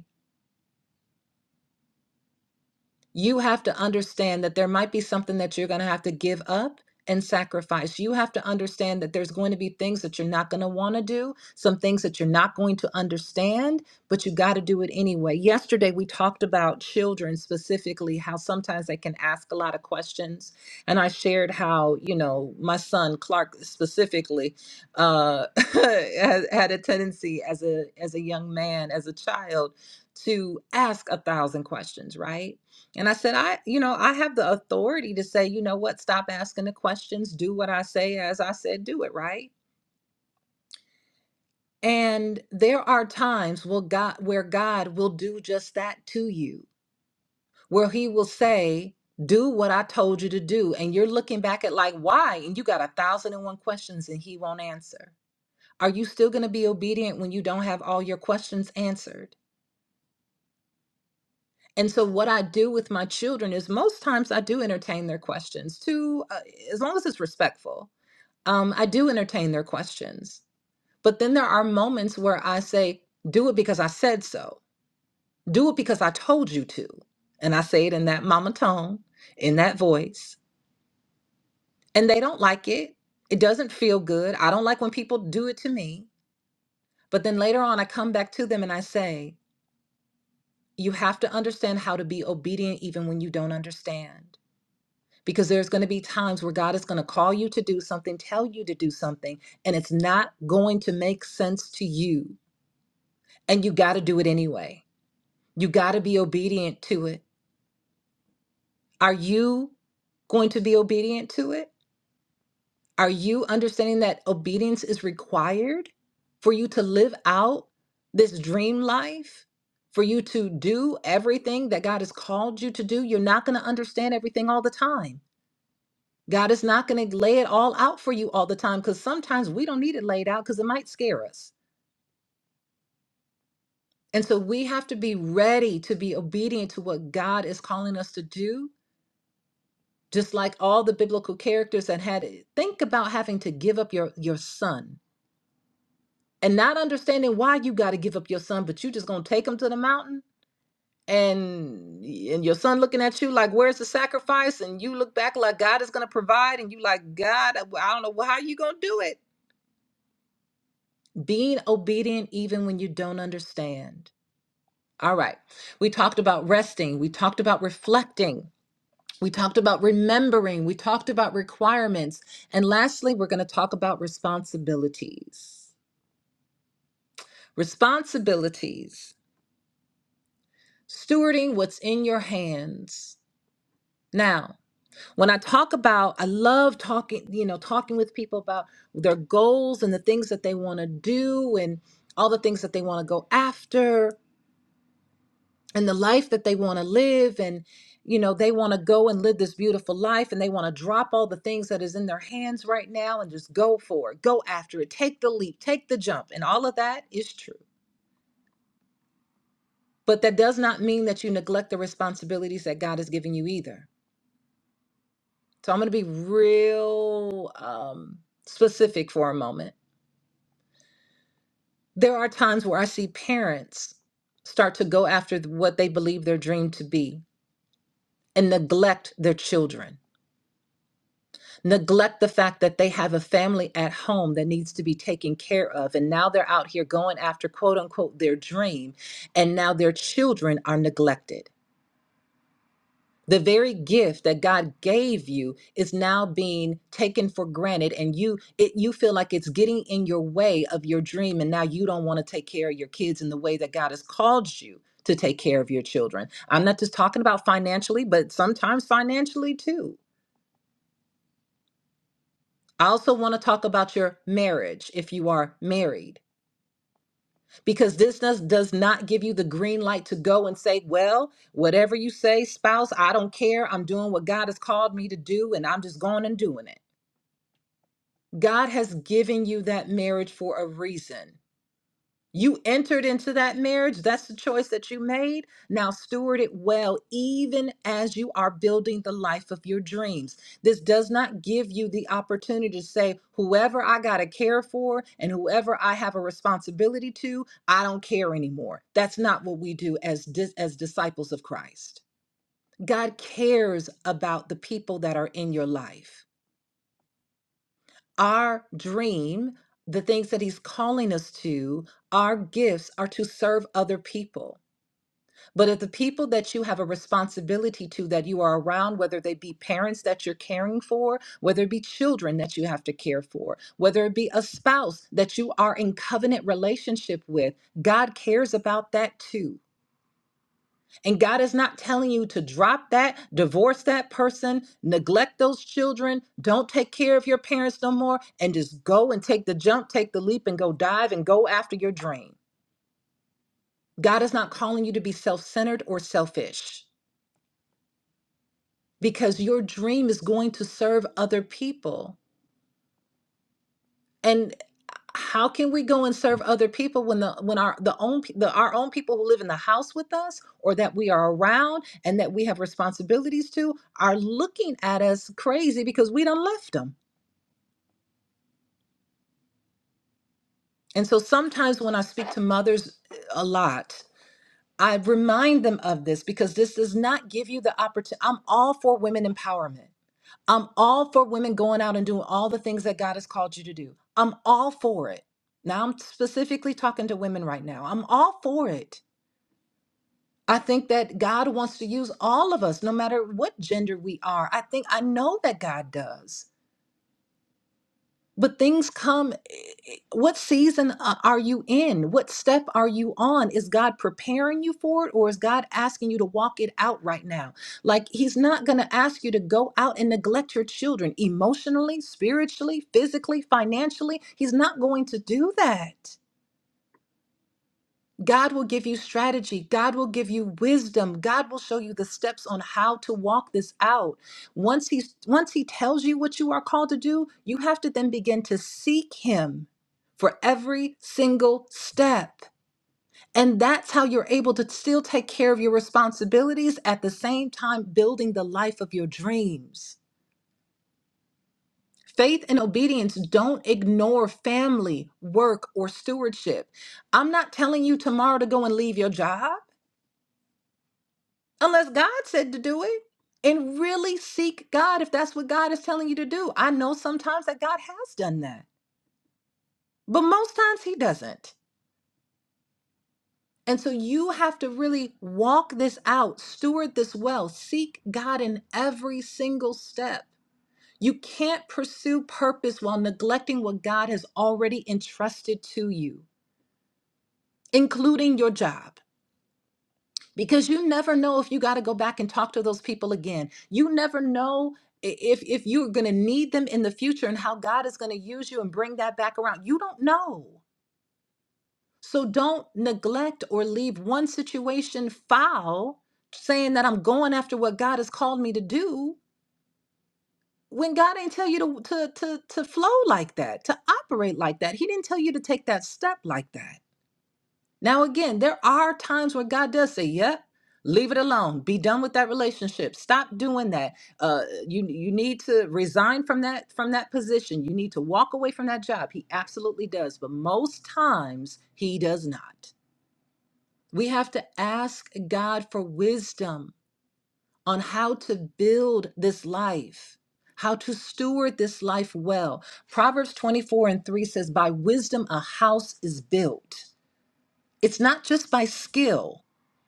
[SPEAKER 7] you have to understand that there might be something that you're going to have to give up and sacrifice. You have to understand that there's going to be things that you're not going to want to do, some things that you're not going to understand, but you got to do it anyway. Yesterday, we talked about children specifically, how sometimes they can ask a lot of questions. And I shared how, you know, my son, Clark specifically, uh, had had a tendency as a, as a young man, as a child, to ask a thousand questions, right? And I said, I, you know, I have the authority to say, you know what, stop asking the questions, do what I say as I said, do it, right? And there are times will God where God will do just that to you, where he will say, Do what I told you to do. And you're looking back at like why? And you got a thousand and one questions and he won't answer. Are you still gonna be obedient when you don't have all your questions answered? And so, what I do with my children is most times I do entertain their questions too, uh, as long as it's respectful um, I do entertain their questions. But then there are moments where I say, do it because I said so. Do it because I told you to. And I say it in that mama tone, in that voice. And they don't like it. It doesn't feel good. I don't like when people do it to me. But then later on, I come back to them and I say, you have to understand how to be obedient even when you don't understand. Because there's going to be times where God is going to call you to do something, tell you to do something, and it's not going to make sense to you and you got to do it anyway. You got to be obedient to it. Are you going to be obedient to it? Are you understanding that obedience is required for you to live out this dream life? For you to do everything that God has called you to do? You're not going to understand everything all the time. God is not going to lay it all out for you all the time because sometimes we don't need it laid out because it might scare us. And so we have to be ready to be obedient to what God is calling us to do just like all the biblical characters that had it. Think about having to give up your your son and not understanding why you got to give up your son, but you just gonna take him to the mountain and and your son looking at you like, "Where's the sacrifice?" And you look back like God is gonna provide, and you like, "God, I I don't know how you gonna do it." Being obedient even when you don't understand. All right, we talked about resting. We talked about reflecting. We talked about remembering. We talked about requirements. And lastly, we're going to talk about responsibilities. Responsibilities, stewarding what's in your hands. Now, when I talk about, I love talking, you know, talking with people about their goals and the things that they want to do and all the things that they want to go after. and the life that they want to live and you know they want to go and live this beautiful life and they want to drop all the things that is in their hands right now and just go for it go after it take the leap take the jump and all of that is true but that does not mean that you neglect the responsibilities that god has given you either so i'm going to be real um, specific for a moment there are times where i see parents start to go after what they believe their dream to be and neglect their children neglect the fact that they have a family at home that needs to be taken care of. And now they're out here going after quote unquote their dream. And now their children are neglected. The very gift that God gave you is now being taken for granted and you it you feel like it's getting in your way of your dream and now you don't want to take care of your kids in the way that God has called you to take care of your children. I'm not just talking about financially, but sometimes financially too I also want to talk about your marriage if you are married, because this does, does not give you the green light to go and say, Well, whatever you say, spouse, I don't care. I'm doing what God has called me to do, and I'm just going and doing it. God has given you that marriage for a reason. You entered into that marriage. That's the choice that you made. Now steward it well, even as you are building the life of your dreams. This does not give you the opportunity to say, whoever I got to care for and whoever I have a responsibility to, I don't care anymore. That's not what we do as, dis- as disciples of Christ. God cares about the people that are in your life. Our dream, the things that He's calling us to, our gifts are to serve other people. But if the people that you have a responsibility to, that you are around, whether they be parents that you're caring for, whether it be children that you have to care for, whether it be a spouse that you are in covenant relationship with, God cares about that too. And God is not telling you to drop that, divorce that person, neglect those children, don't take care of your parents no more, and just go and take the jump, take the leap, and go dive and go after your dream. God is not calling you to be self centered or selfish because your dream is going to serve other people. how can we go and serve other people when the when our the own pe- the our own people who live in the house with us or that we are around and that we have responsibilities to are looking at us crazy because we done left them and so sometimes when i speak to mothers eh, a lot i remind them of this because this does not give you the opportunity i'm all for women empowerment i'm all for women going out and doing all the things that god has called you to do i'm all for it now i'm specifically talking to women right now i'm all for it I think that God wants to use all of us, no matter what gender we are. I think I know that God does. But things come. eh, eh, What season uh, are you in? What step are you on? Is God preparing you for it or is God asking you to walk it out right now? Like, He's not going to ask you to go out and neglect your children emotionally, spiritually, physically, financially. He's not going to do that. God will give you strategy. God will give you wisdom. God will show you the steps on how to walk this out. Once he once he tells you what you are called to do, you have to then begin to seek him for every single step. And that's how you're able to still take care of your responsibilities at the same time building the life of your dreams. Faith and obedience don't ignore family, work, or stewardship. I'm not telling you tomorrow to go and leave your job. unless God said to do it. And really seek God if that's what God is telling you to do. I know sometimes that God has done that, but most times He doesn't. And so you have to really walk this out, steward this well, seek God in every single step. You can't pursue purpose while neglecting what God has already entrusted to you, including your job. because you never know if you got to go back and talk to those people again. You never know i- if if you're going to need them in the future and how God is going to use you and bring that back around. You don't know. So don't neglect or leave one situation foul saying that I'm going after what God has called me to do when God ain't tell you to to to to flow like that, to operate like that. He didn't tell you to take that step like that. Now, again, there are times where God does say, "Yep, leave it alone. Be done with that relationship. Stop doing that. Uh, you you need to resign from that from that position. You need to walk away from that job." He absolutely does, but most times he does not. We have to ask God for wisdom on how to build this life. How to steward this life well. Proverbs 24 and 3 says, By wisdom a house is built. It's not just by skill,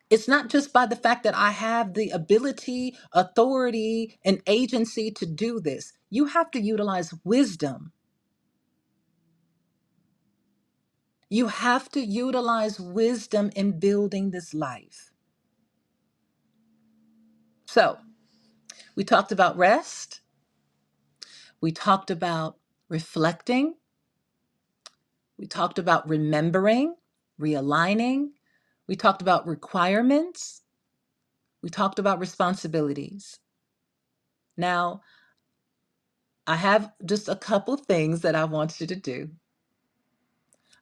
[SPEAKER 7] it's not just by the fact that I have the ability, authority, and agency to do this. You have to utilize wisdom. You have to utilize wisdom in building this life. So, we talked about rest. We talked about reflecting. We talked about remembering, realigning. We talked about requirements. We talked about responsibilities. Now, I have just a couple things that I want you to do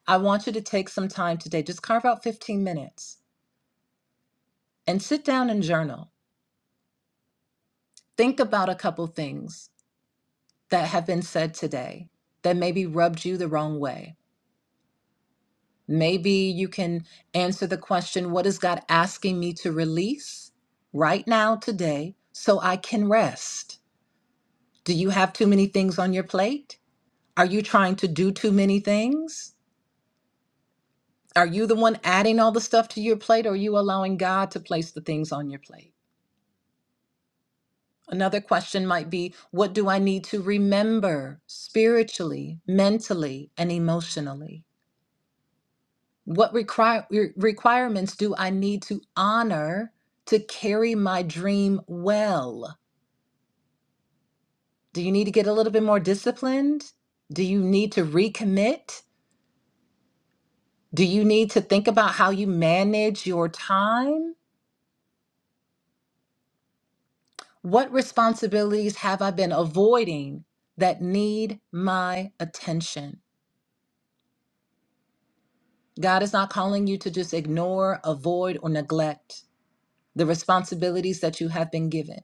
[SPEAKER 7] I want you to take some time today, just carve out 15 minutes and sit down and journal. Think about a couple things that have been said today that maybe rubbed you the wrong way. Maybe you can answer the question what is God asking me to release right now, today, so I can rest? Do you have too many things on your plate? Are you trying to do too many things? Are you the one adding all the stuff to your plate, or are you allowing God to place the things on your plate? Another question might be what do I need to remember spiritually, mentally, and emotionally? What require, re- requirements do I need to honor to carry my dream well? Do you need to get a little bit more disciplined? Do you need to recommit? Do you need to think about how you manage your time? What responsibilities have I been avoiding that need my attention? God is not calling you to just ignore, avoid, or neglect the responsibilities that you have been given.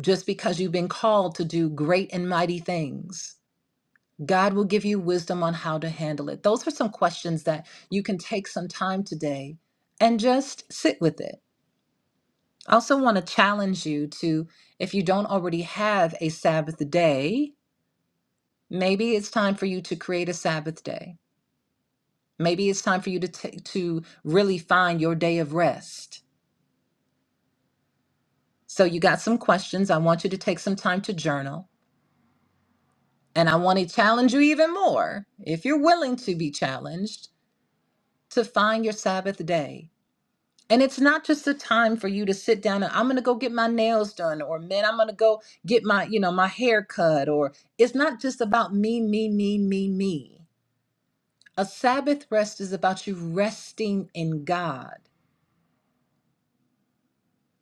[SPEAKER 7] Just because you've been called to do great and mighty things, God will give you wisdom on how to handle it. Those are some questions that you can take some time today and just sit with it. I also want to challenge you to, if you don't already have a Sabbath day, maybe it's time for you to create a Sabbath day. Maybe it's time for you to, t- to really find your day of rest So you got some questions. I want you to take some time to journal. And I want to challenge you even more, if you're willing to be challenged, to find your Sabbath day. And it's not just a time for you to sit down and I'm gonna go get my nails done, or man, I'm gonna go get my, you know, my hair cut, or it's not just about me, me, me, me, me. A Sabbath rest is about you resting in God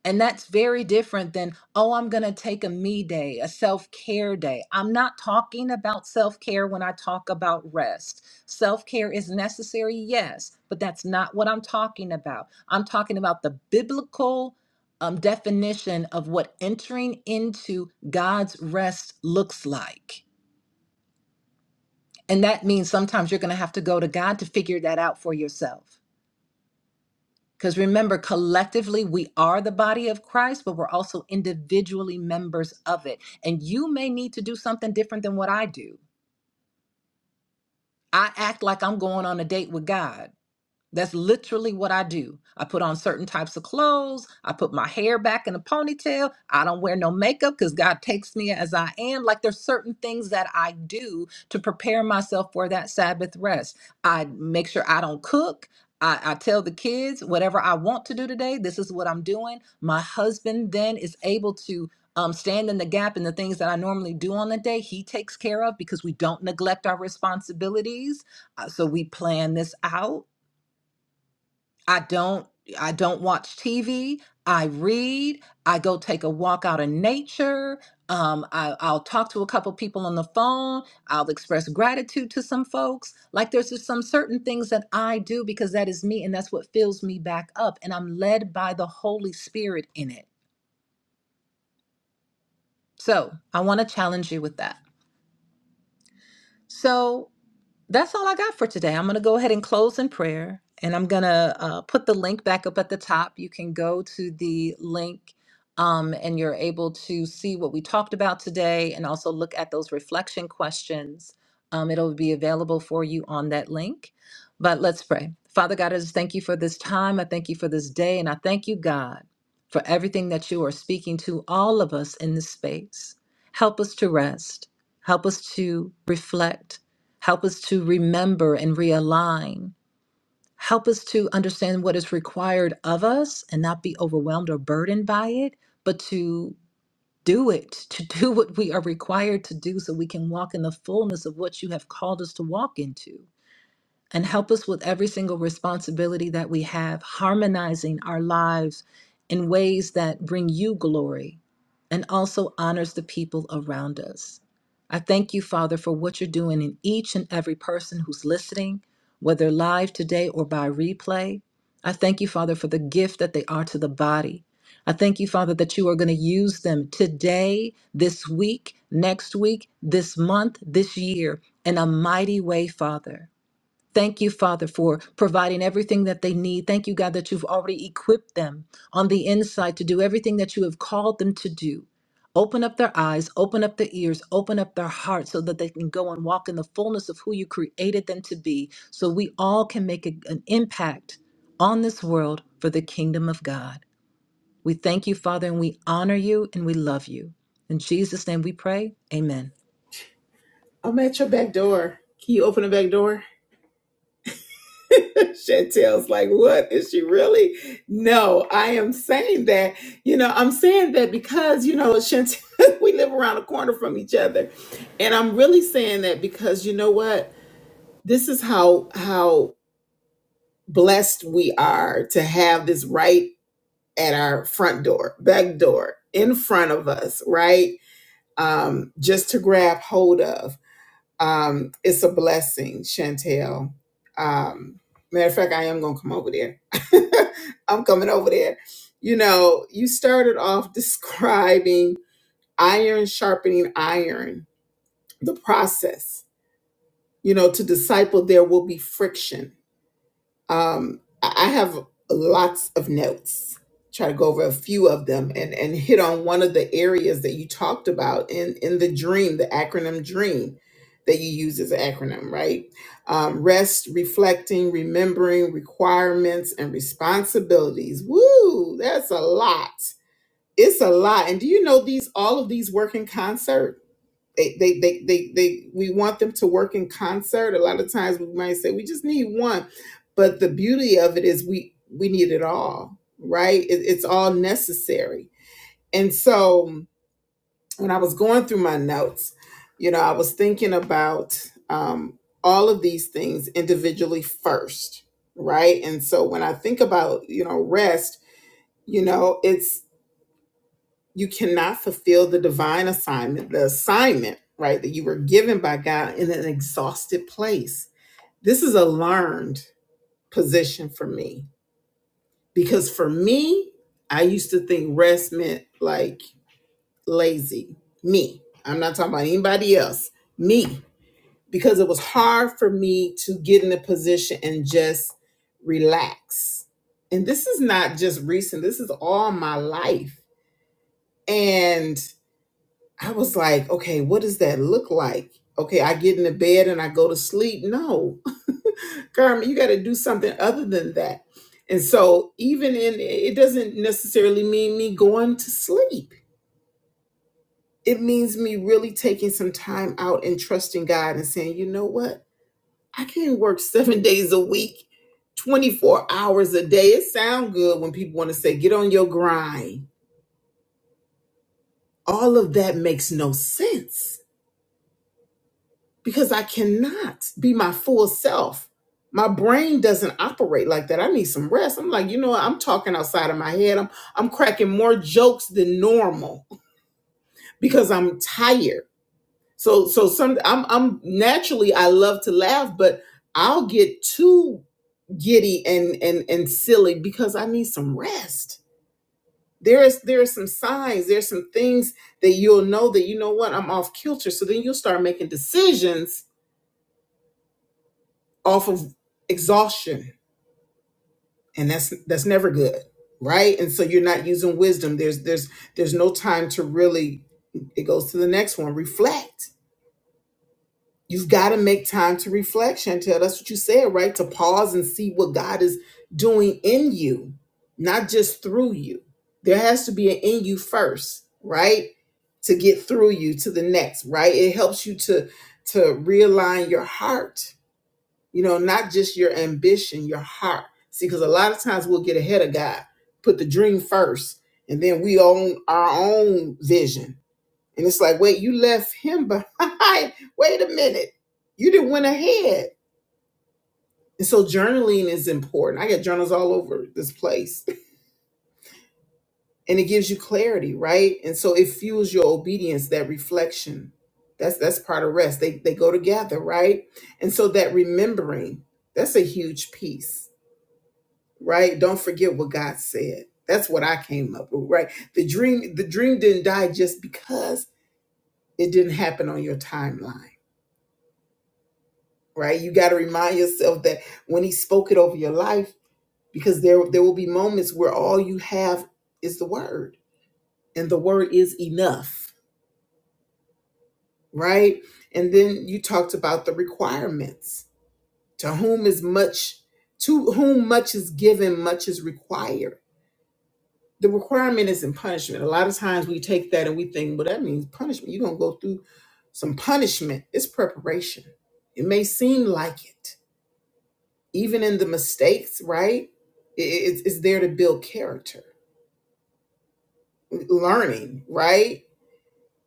[SPEAKER 7] And that's very different than, oh, I'm going to take a me day, a self care day. I'm not talking about self care when I talk about rest. Self care is necessary, yes, but that's not what I'm talking about. I'm talking about the biblical um, definition of what entering into God's rest looks like. And that means sometimes you're going to have to go to God to figure that out for yourself. Because remember, collectively, we are the body of Christ, but we're also individually members of it. And you may need to do something different than what I do. I act like I'm going on a date with God. That's literally what I do. I put on certain types of clothes. I put my hair back in a ponytail. I don't wear no makeup because God takes me as I am. Like there's certain things that I do to prepare myself for that Sabbath rest. I make sure I don't cook. I, I tell the kids whatever I want to do today, this is what I'm doing. My husband then is able to um, stand in the gap in the things that I normally do on the day. He takes care of because we don't neglect our responsibilities. Uh, so we plan this out I don't I don't watch TV. I read. I go take a walk out in nature. Um, I, I'll talk to a couple people on the phone. I'll express gratitude to some folks. Like there's just some certain things that I do because that is me and that's what fills me back up. And I'm led by the Holy Spirit in it. So I want to challenge you with that. So that's all I got for today. I'm going to go ahead and close in prayer. And I'm going to uh, put the link back up at the top. You can go to the link um, and you're able to see what we talked about today and also look at those reflection questions. Um, it'll be available for you on that link. But let's pray. Father God, I just thank you for this time. I thank you for this day. And I thank you, God, for everything that you are speaking to all of us in this space. Help us to rest, help us to reflect. Help us to remember and realign. Help us to understand what is required of us and not be overwhelmed or burdened by it, but to do it, to do what we are required to do so we can walk in the fullness of what you have called us to walk into and help us with every single responsibility that we have, harmonizing our lives in ways that bring you glory and also honors the people around us. I thank you, Father, for what you're doing in each and every person who's listening, whether live today or by replay. I thank you, Father, for the gift that they are to the body. I thank you, Father, that you are going to use them today, this week, next week, this month, this year in a mighty way, Father. Thank you, Father, for providing everything that they need. Thank you, God, that you've already equipped them on the inside to do everything that you have called them to do. Open up their eyes, open up their ears, open up their hearts so that they can go and walk in the fullness of who you created them to be, so we all can make a- an impact on this world for the kingdom of God. We thank you, Father, and we honor you and we love you. In Jesus' name we pray. Amen.
[SPEAKER 1] I'm at your back door. Can you open the back door? Chantel's like, what? Is she really? No, I am saying that, you know, I'm saying that because, you know, Chantel, we live around the corner from each other. And I'm really saying that because you know what? This is how how blessed we are to have this right at our front door, back door, in front of us, right? Um, just to grab hold of. Um, it's a blessing, Chantel. Um, matter of fact, I am gonna come over there. I'm coming over there. You know, you started off describing iron sharpening iron, the process. You know, to disciple, there will be friction um, I have lots of notes. Try to go over a few of them and, and hit on one of the areas that you talked about in, in the dream, the acronym dream that you use as an acronym, right? Um, rest, reflecting, remembering, requirements, and responsibilities. Woo, that's a lot. It's a lot. And do you know these all of these work in concert? They, they, they, they, they, we want them to work in concert. A lot of times we might say we just need one, but the beauty of it is we, we need it all, right? It, it's all necessary. And so when I was going through my notes, you know, I was thinking about um, all of these things individually first, right? And so when I think about, you know, rest, you know, it's you cannot fulfill the divine assignment, the assignment, right, that you were given by God in an exhausted place. This is a learned position for me because for me, I used to think rest meant like lazy. Me. I'm not talking about anybody else. Me. Because it was hard for me to get in a position and just relax. And this is not just recent, this is all my life. And I was like, okay, what does that look like? Okay, I get into bed and I go to sleep. No, Carmen, you got to do something other than that. And so, even in it doesn't necessarily mean me going to sleep. It means me really taking some time out and trusting God and saying, you know what? I can't work seven days a week, 24 hours a day. It sounds good when people want to say, get on your grind. All of that makes no sense because I cannot be my full self. My brain doesn't operate like that. I need some rest. I'm like, you know what? I'm talking outside of my head. I'm I'm cracking more jokes than normal because I'm tired. So so some I'm I'm naturally I love to laugh, but I'll get too giddy and and and silly because I need some rest. There is there are some signs, there's some things that you'll know that you know what, I'm off kilter. So then you'll start making decisions off of exhaustion and that's that's never good right and so you're not using wisdom there's there's there's no time to really it goes to the next one reflect you've got to make time to reflect chantel that's what you said right to pause and see what god is doing in you not just through you there has to be an in you first right to get through you to the next right it helps you to to realign your heart you know, not just your ambition, your heart. See, because a lot of times we'll get ahead of God, put the dream first, and then we own our own vision. And it's like, wait, you left him behind. wait a minute. You didn't went ahead. And so journaling is important. I got journals all over this place. And it gives you clarity, right? And so it fuels your obedience, that reflection. That's that's part of rest. They they go together, right? And so that remembering, that's a huge piece right? Don't forget what God said. That's what I came up with, right? The dream, the dream didn't die just because it didn't happen on your timeline, right? You got to remind yourself that when He spoke it over your life, because there there will be moments where all you have is the word, and the word is enough, right? And then you talked about the requirements. To whom is much, to whom much is given, much is required the requirement isn't punishment. A lot of times we take that and we think, well, that means punishment. You're gonna go through some punishment. It's preparation. It may seem like it, even in the mistakes, right? It- it- it's there to build character, learning, right?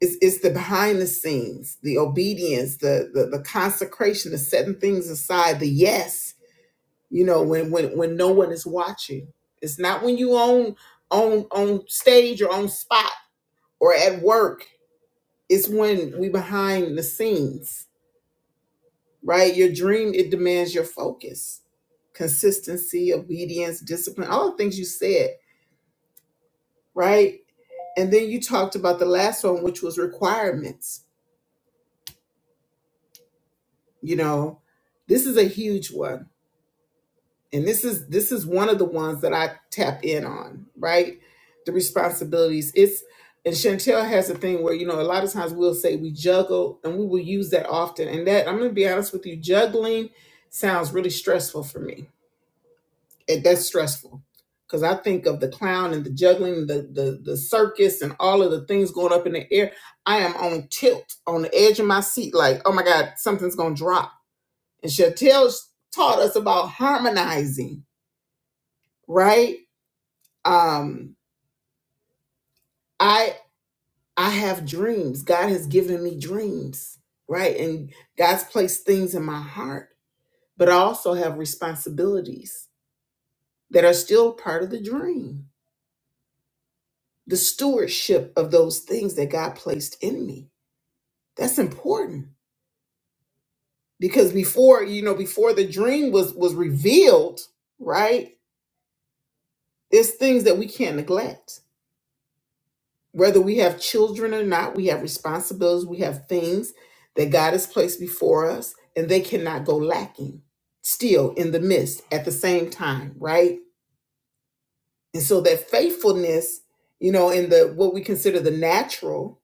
[SPEAKER 1] It's, it's the behind the scenes, the obedience, the, the the consecration, the setting things aside, the yes. You know, when when when no one is watching, it's not when you on on on stage or on spot or at work It's when we behind the scenes, right? Your dream, it demands your focus, consistency, obedience, discipline, all the things you said, right? And then you talked about the last one, which was requirements. You know, this is a huge one and this is this is one of the ones that I tap in on, right? The responsibilities. It's and Chantel has a thing where you know a lot of times we'll say we juggle, and we will use that often. And that I'm going to be honest with you, juggling sounds really stressful for me. It, that's stressful because I think of the clown and the juggling, the the the circus, and all of the things going up in the air. I am on tilt, on the edge of my seat, like oh my god, something's going to drop. And Chantel taught us about harmonizing, right? um i i have dreams god has given me dreams right and god's placed things in my heart but i also have responsibilities that are still part of the dream the stewardship of those things that god placed in me that's important because before you know before the dream was was revealed right there's things that we can't neglect Whether we have children or not, we have responsibilities, we have things that God has placed before us, and they cannot go lacking still in the midst at the same time, right? And so that faithfulness, you know, in the what we consider the natural,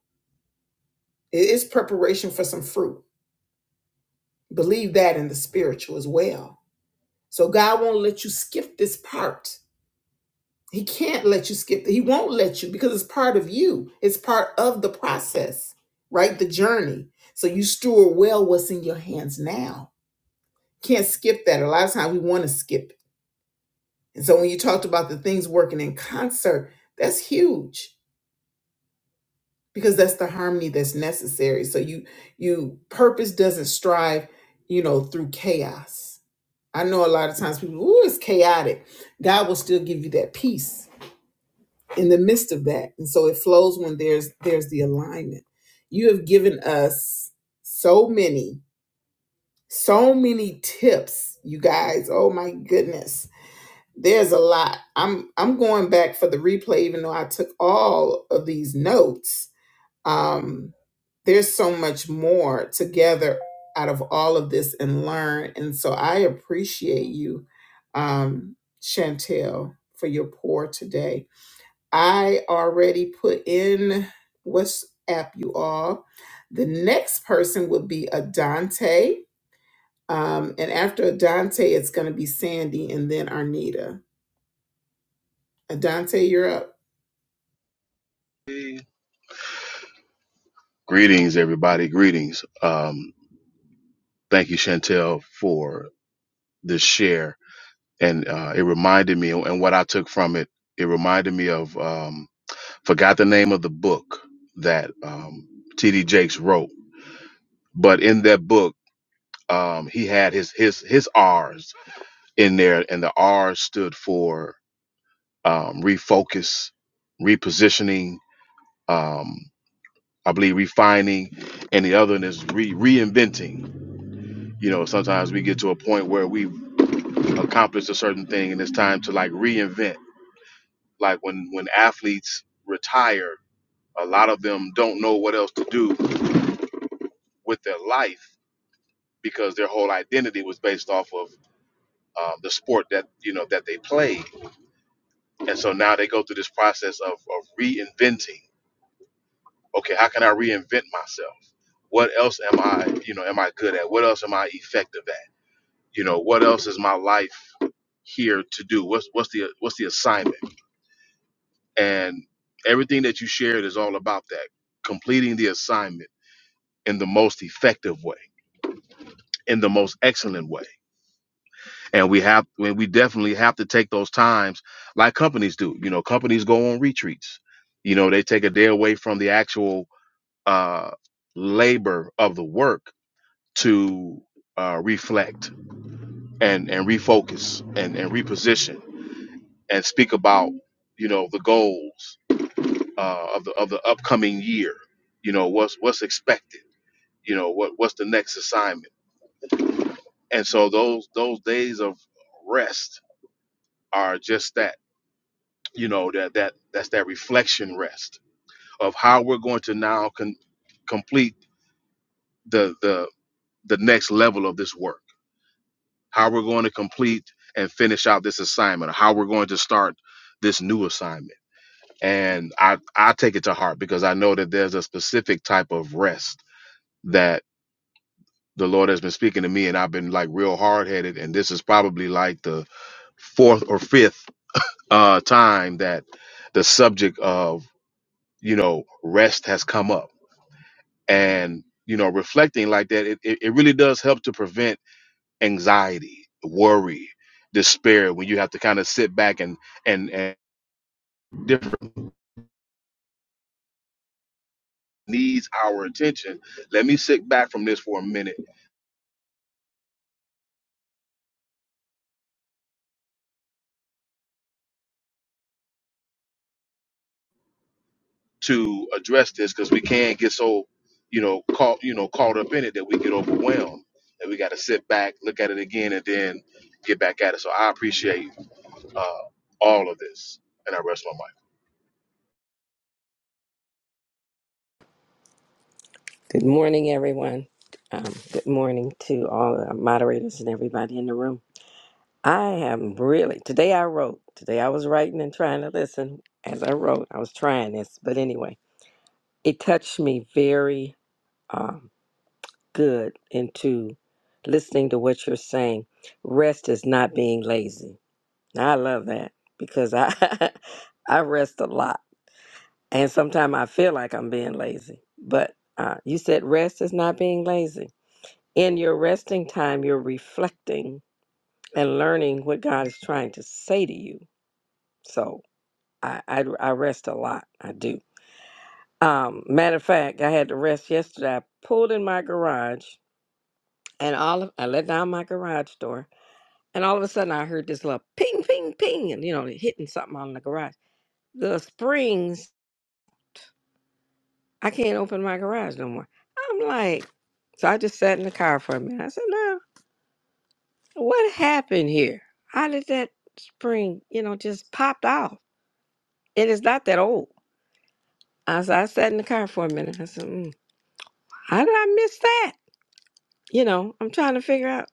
[SPEAKER 1] it is preparation for some fruit. Believe that in the spiritual as well. So God won't let you skip this part He can't let you skip. He won't let you because it's part of you. It's part of the process, right? The journey. So you steward well what's in your hands now. Can't skip that. A lot of times we want to skip. it. And so when you talked about the things working in concert, that's huge because that's the harmony that's necessary. So you you purpose doesn't strive, you know, through chaos. I know a lot of times people, ooh, it's chaotic. God will still give you that peace in the midst of that and so it flows when there's there's the alignment you have given us so many so many tips you guys oh my goodness there's a lot i'm i'm going back for the replay even though i took all of these notes um there's so much more together out of all of this and learn and so i appreciate you um chantel for your pour today I already put in WhatsApp you all. The next person would be Adante. Um, and after Adante, it's going to be Sandy and then Arnita. Adante, you're up.
[SPEAKER 5] morning. Greetings, everybody. Greetings. Um, thank you, Chantel, for this share. And uh, it reminded me, and what I took from it, it reminded me of, um, forgot the name of the book that um, T.D. Jakes wrote. But in that book, um, he had his his his R's in there, and the R stood for um, refocus, repositioning. Um, I believe refining, and the other one is re- reinventing You know, sometimes we get to a point where we've accomplished a certain thing and it's time to like reinvent. Like when when athletes retire, a lot of them don't know what else to do with their life because their whole identity was based off of uh, the sport that you know that they played, and so now they go through this process of, of reinventing. Okay, how can I reinvent myself? What else am I, you know, am I good at? What else am I effective at? You know, what else is my life here to do? What's what's the what's the assignment? And everything that you shared is all about that completing the assignment in the most effective way, in the most excellent way. And we have, when we definitely have to take those times like companies do. You know, companies go on retreats, you know, they take a day away from the actual uh, labor of the work to uh, reflect and, and refocus and, and reposition and speak about, you know, the goals uh, of the of the upcoming year. You know what's what's expected. You know what what's the next assignment. And so those those days of rest are just that. You know that that that's that reflection rest of how we're going to now con- complete the the the next level of this work. How we're going to complete and finish out this assignment. How we're going to start this new assignment. And I I take it to heart because I know that there's a specific type of rest that. the Lord has been speaking to me, and I've been like real hard headed. And this is probably like the fourth or fifth uh, time that the subject of you know rest has come up, and you know reflecting like that, it it, it really does help to prevent anxiety, worry, despair when you have to kind of sit back and and and different needs our attention. Let me sit back from this for a minute to address this because we can't get so you know caught you know caught up in it that we get overwhelmed and we got to sit back look at it again and then get back at it so i appreciate uh, all of this and i rest my mind
[SPEAKER 8] Good morning, everyone. Um, good morning to all the moderators and everybody in the room. I am really, today I wrote, today I was writing and trying to listen as I wrote. I was trying this, but anyway, it touched me very um, good into listening to what you're saying. Rest is not being lazy. Now, I love that because I, I rest a lot. And sometimes I feel like I'm being lazy, but uh, you said rest is not being lazy In your resting time, you're reflecting and learning what God is trying to say to you. So I, I, I rest a lot. I do. Um, matter of fact, I had to rest yesterday. I pulled in my garage and all of, I let down my garage door. And all of a sudden, I heard this little ping, ping, ping, and you know, hitting something on the garage. The springs, I can't open my garage no more. I'm like, so I just sat in the car for a minute. I said, no. What happened here? How did that spring, you know, just popped off? And it's not that old. I, s- I sat in the car for a minute. I said, mm, how did I miss that? You know, I'm trying to figure out.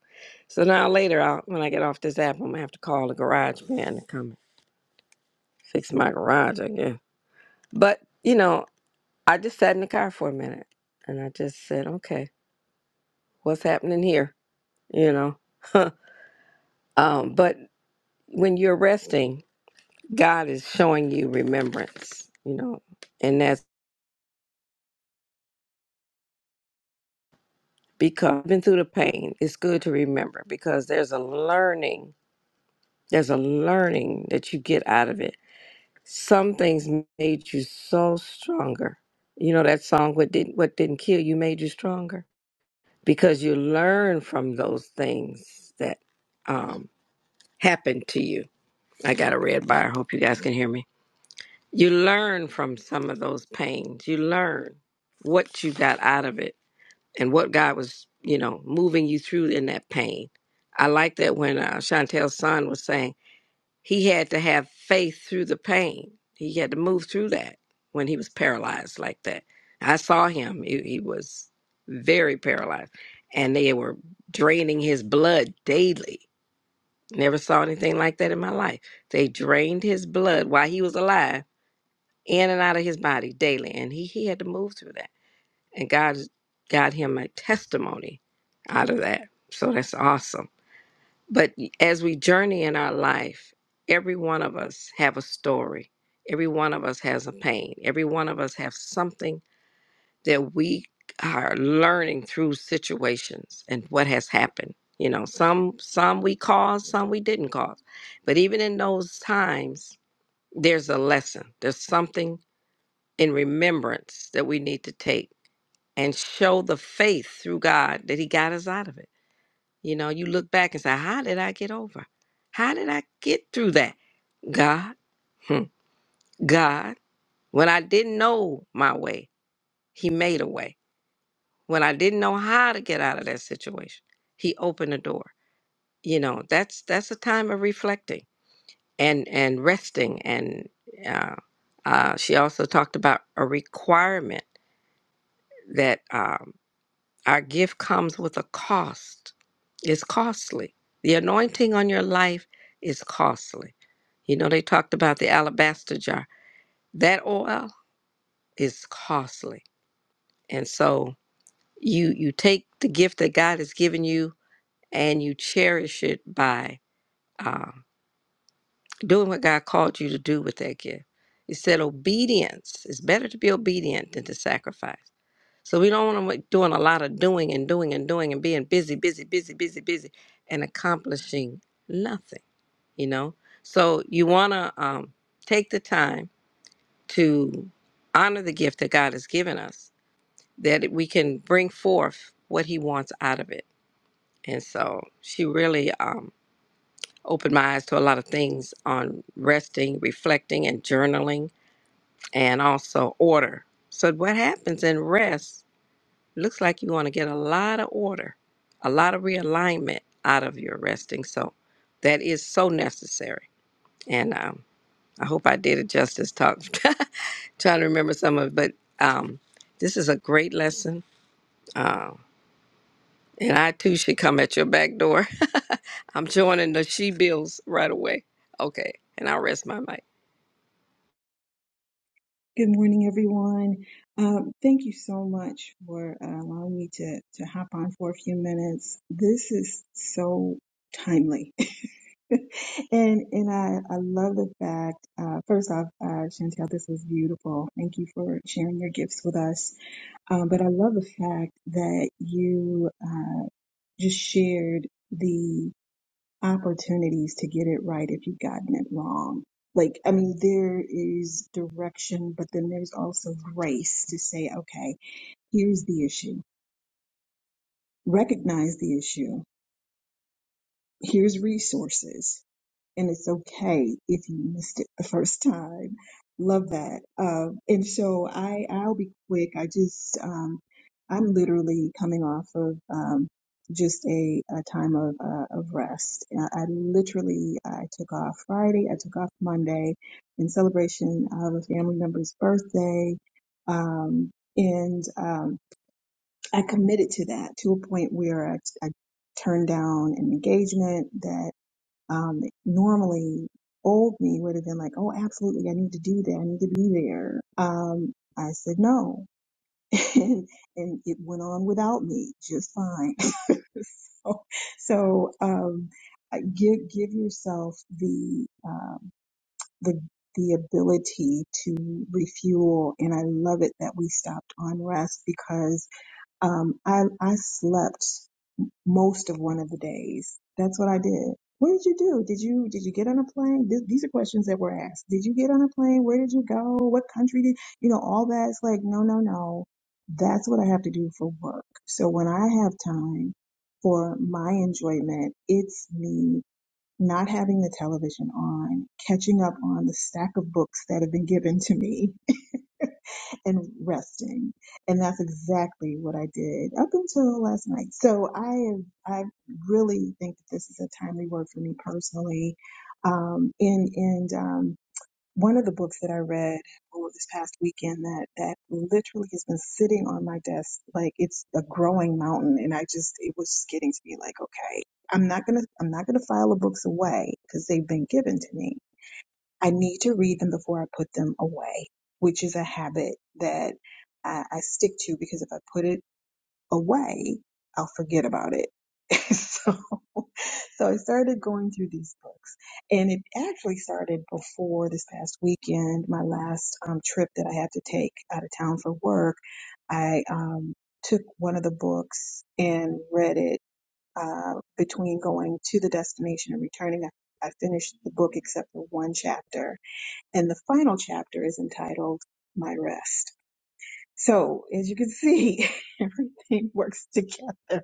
[SPEAKER 8] So now later, I'll, when I get off this app, I'm going to have to call the garage man to come fix my garage, I guess. But, you know, I just sat in the car for a minute and I just said, okay, what's happening here? You know, um, but when you're resting, God is showing you remembrance, you know, and that's because been through the pain. It's good to remember because there's a learning. There's a learning that you get out of it. Some things made you so stronger. You know that song, "What didn't What didn't kill you made you stronger," because you learn from those things that um, happened to you. I got a red bar. I hope you guys can hear me. You learn from some of those pains. You learn what you got out of it and what God was, you know, moving you through in that pain. I like that when uh, Chantel's son was saying he had to have faith through the pain. He had to move through that when he was paralyzed like that. I saw him. He, he was very paralyzed, and they were draining his blood daily. Never saw anything like that in my life. They drained his blood while he was alive, in and out of his body daily, and he, he had to move through that and God got him a testimony out of that. So that's awesome. But as we journey in our life, every one of us have a story. Every one of us has a pain. Every one of us have something that we are learning through situations and what has happened. You know, some some we caused, some we didn't cause. But even in those times, there's a lesson. There's something in remembrance that we need to take and show the faith through God that He got us out of it. You know, you look back and say, How did I get over? How did I get through that? God, hmm, God, when I didn't know my way, He made a way. When I didn't know how to get out of that situation, He opened the door. You know, that's that's a time of reflecting and and resting. And uh, uh, she also talked about a requirement that. Um, Our gift comes with a cost. It's costly. The anointing on your life is costly. You know, they talked about the alabaster jar. That oil is costly. And so you you take the gift that God has given you and you cherish it by um, doing what God called you to do with that gift. He said obedience. It's better to be obedient than to sacrifice. So we don't want to be doing a lot of doing and doing and doing and being busy, busy, busy, busy, busy, and accomplishing nothing, you know? So you want to um, take the time to honor the gift that God has given us, that we can bring forth what He wants out of it. And so she really um, opened my eyes to a lot of things on resting, reflecting, and journaling, and also order. So what happens in rest Looks like you want to get a lot of order, a lot of realignment out of your resting. So that is so necessary. And um, I hope I did it justice talk, trying to remember some of it. But um, this is a great lesson. Uh, and I too should come at your back door. I'm joining the She Bills right away. Okay. And I'll rest my mic.
[SPEAKER 4] Good morning, everyone. Um, thank you so much for uh, allowing me to, to hop on for a few minutes. This is so timely. and and I, I love the fact, uh, first off, uh, Chantel, this was beautiful. Thank you for sharing your gifts with us. Um, but I love the fact that you uh, just shared. the. opportunities to get it right if you've gotten it wrong. Like, I mean, there is direction, but then there's also grace to say, okay, here's the issue. Recognize the issue. Here's resources and it's okay if you missed it the first time. Love that. Um, and so I, I'll be quick. I just, um, I'm literally coming off of um, just a, a time of uh, of rest. I, I literally I took off Friday. I took off Monday in celebration of a family member's birthday. Um, and um, I committed to that to a point where I, I turned down an engagement that. Um, normally, old me would have been like, oh, absolutely, I need to do that. I need to be there. Um, I said no. and, and it went on without me just fine. so, so um, I- give, give yourself the, um, the, the ability to refuel. And I love it that we stopped on rest because um, I, I slept most of one of the days. That's what I did. What did you do? Did you did you get on a plane? Th- these are questions that were asked. Did you get on a plane? Where did you go? What country did you know? All that. It's like no, no, no. That's what I have to do for work. So when I have time for my enjoyment, it's me not having the television on, catching up on the stack of books that have been given to me and resting. And that's exactly what I did up until last night. So I have, I really think that this is a timely word for me personally. Um, and, and, um, one of the books that I read over this past weekend that, that literally has been sitting on my desk, like it's a growing mountain. And I just, it was just getting to be like, okay, I'm not going to, I'm not going to file the books away because they've been given to me I need to read them before I put them away, which is a habit that I, I stick to because if I put it away, I'll forget about it. so, so I started going through these books, and it actually started before this past weekend, my last um, trip that I had to take out of town for work. I um, took one of the books and read it uh, between going to the destination and returning. I, I finished the book except for one chapter and the final chapter is entitled My Rest. So as you can see, everything works together.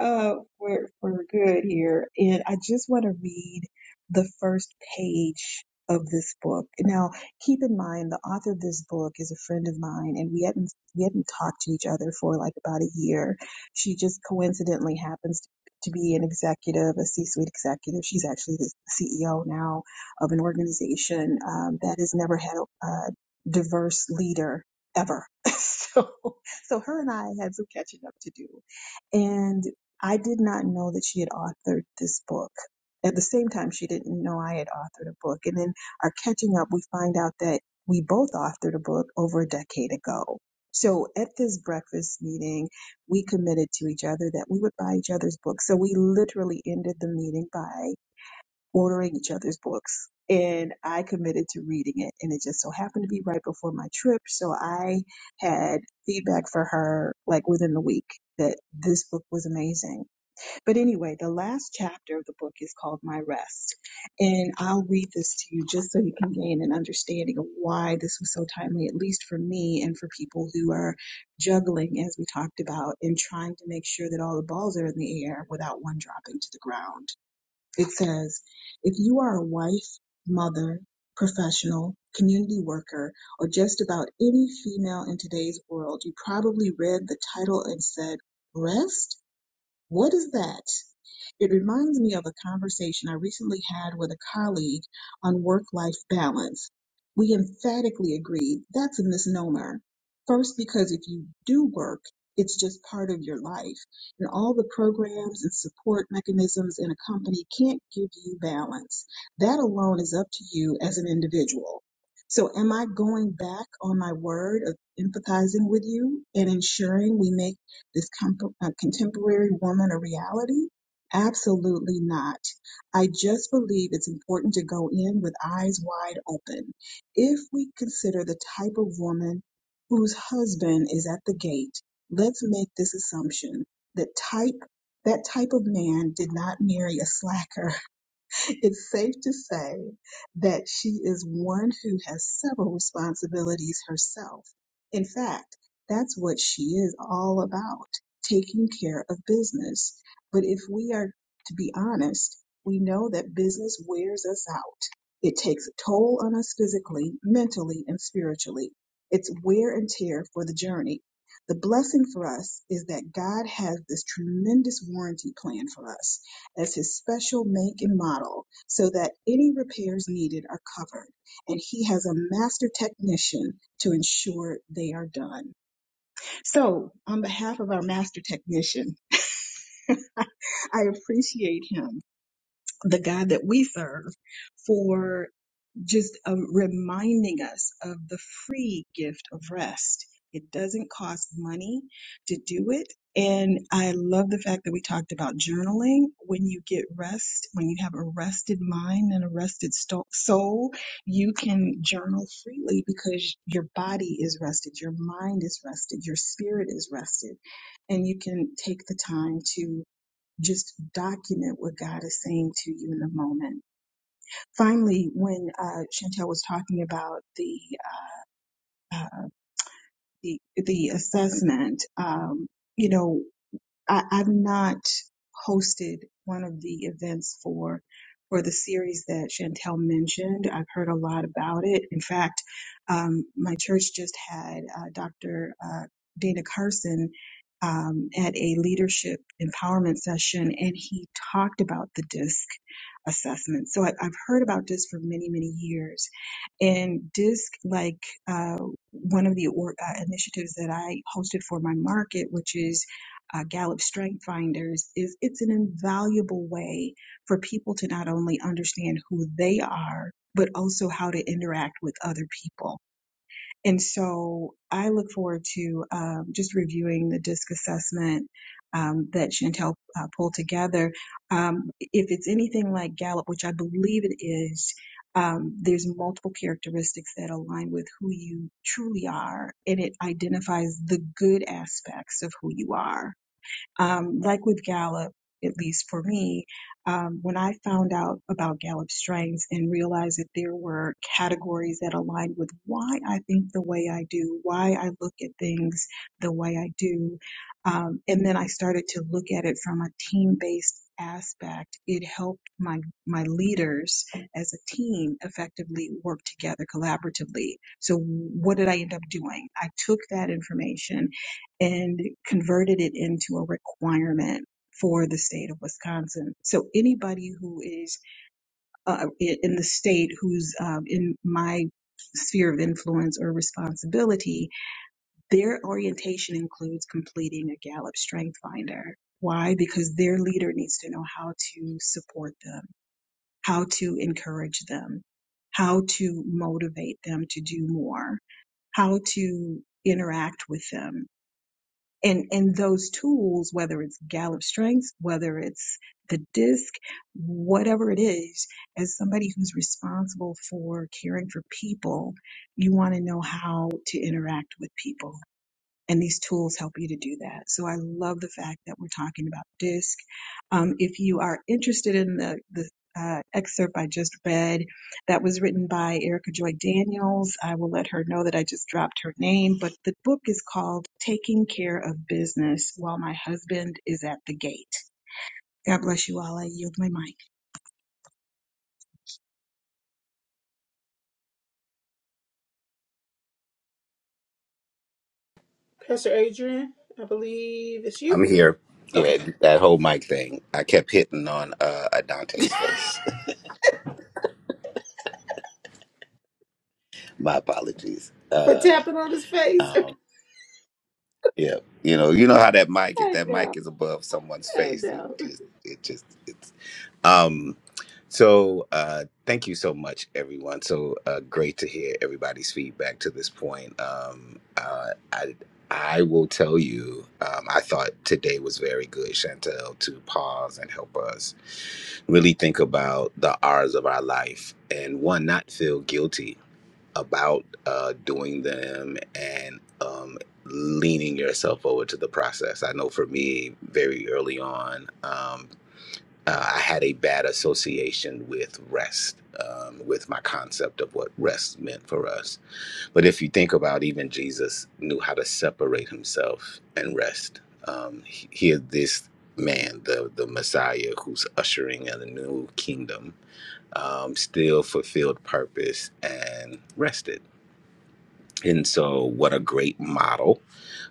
[SPEAKER 4] Uh, we're we're good here, and I just want to read the first page of this book. Now, keep in mind the author of this book is a friend of mine, and we hadn't we hadn't talked to each other for like about a year. She just coincidentally happens to, to be an executive, a C-suite executive. She's actually the CEO now of an organization um, that has never had a, a diverse leader ever. so, so her and I had some catching up to do and. I did not know that she had authored this book. At the same time, she didn't know I had authored a book. And in our catching up, we find out that we both authored a book over a decade ago. So at this breakfast meeting, we committed to each other that we would buy each other's books. So we literally ended the meeting by ordering each other's books. And I committed to reading it. And it just so happened to be right before my trip. So I had feedback for her like within the week that this book was amazing but anyway, the last chapter of the book is called My Rest. And I'll read this to you just so you can gain an understanding of why this was so timely, at least for me and for people who are juggling, as we talked about, and trying to make sure that all the balls are in the air without one dropping to the ground. It says, if you are a wife, mother, professional, community worker, or just about any female in today's world, you probably read the title and said, Rest? What is that? It reminds me of a conversation I recently had with a colleague on work life balance. We emphatically agreed that's a misnomer. First, because if you do work, it's just part of your life, and all the programs and support mechanisms in a company can't give you balance. That alone is up to you as an individual. So, am I going back on my word of empathizing with you and ensuring we make this comp- uh, contemporary woman a reality? Absolutely not. I just believe it's important to go in with eyes wide open. If we consider the type of woman whose husband is at the gate, let's make this assumption that type that type of man did not marry a slacker it's safe to say that she is one who has several responsibilities herself. In fact, that's what she is all about taking care of business. But if we are to be honest, we know that business wears us out. It takes a toll on us physically, mentally, and spiritually. It's wear and tear for the journey. The blessing for us is that God has this tremendous warranty plan for us as his special make and model so that any repairs needed are covered. And he has a master technician to ensure they are done. So, on behalf of our master technician, I appreciate him, the God that we serve, for just uh, reminding us of the free gift of rest. It doesn't cost money to do it. And I love the fact that we talked about journaling. When you get rest, when you have a rested mind and a rested sto- soul, you can journal freely because your body is rested, your mind is rested, your spirit is rested. And you can take the time to just document what God is saying to you in the moment finally, when uh, Chantel was talking about the uh, the the assessment, um, you know. I, I've not hosted one of the events for for the series that Chantel mentioned. I've heard a lot about it. In fact, um, my church just had uh, Dr. Uh, Dana Carson um, at a leadership empowerment session, and he talked about the DISC assessment. So I, I've heard about DISC for many, many years. And DISC, like uh, one of the or, uh, initiatives that I hosted for my market, which is uh, Gallup Strength Finders is it's an invaluable way for people to not only understand who they are, but also how to interact with other people. And so I look forward to um, just reviewing the DISC assessment um, that Chantel uh, pulled together. Um, if it's anything like Gallup, which I believe it is, um, there's multiple characteristics that align with who you truly are, and it identifies the good aspects of who you are um, like with Gallup, at least for me, um, when I found out about Gallup strengths and realized that there were categories that aligned with why I think the way I do, why I look at things the way I do, um, and then I started to look at it from a team-based aspect, it helped my my leaders as a team effectively work together collaboratively. So what did I end up doing? I took that information and converted it into a requirement for the state of Wisconsin. So anybody who is uh, in the state who's um, in my sphere of influence or responsibility, their orientation includes completing a Gallup Strength Finder. Why? Because their leader needs to know how to support them, how to encourage them, how to motivate them to do more, how to interact with them and and those tools whether it's gallup strengths whether it's the disc whatever it is as somebody who's responsible for caring for people you want to know how to interact with people and these tools help you to do that. So I love the fact that we're talking about DISC. Um, if you are interested in the, the uh, excerpt I just read that was written by Erica Joy Daniels, I will let her know that I just dropped her name, but the book is called Taking Care of Business While My Husband is at the Gate. God bless you all. I yield my mic.
[SPEAKER 1] Pastor Adrian, I believe it's you.
[SPEAKER 6] I'm here.
[SPEAKER 1] Okay.
[SPEAKER 6] Yeah, that whole mic thing. I kept hitting on uh Adante's face. My apologies.
[SPEAKER 1] For
[SPEAKER 6] Uh
[SPEAKER 1] tapping on his face.
[SPEAKER 6] um yeah. You know, you know how that mic, if
[SPEAKER 1] I
[SPEAKER 6] that
[SPEAKER 1] know.
[SPEAKER 6] mic is above someone's
[SPEAKER 1] I
[SPEAKER 6] face, you
[SPEAKER 1] know.
[SPEAKER 6] just it just it's um so uh thank you so much everyone. So uh great to hear everybody's feedback to this point. Um uh I I will tell you, um, I thought today was very good, Chantel, to pause and help us really think about the hours of our life and one not feel guilty about uh, doing them and um, leaning yourself over to the process i know for me very early on um, uh, i had a bad association with rest um, with my concept of what rest meant for us but if you think about even Jesus knew how to separate himself and rest. Um, he, he is this man, the the Messiah, who's ushering in a new kingdom, um, still fulfilled purpose and rested. And so, what a great model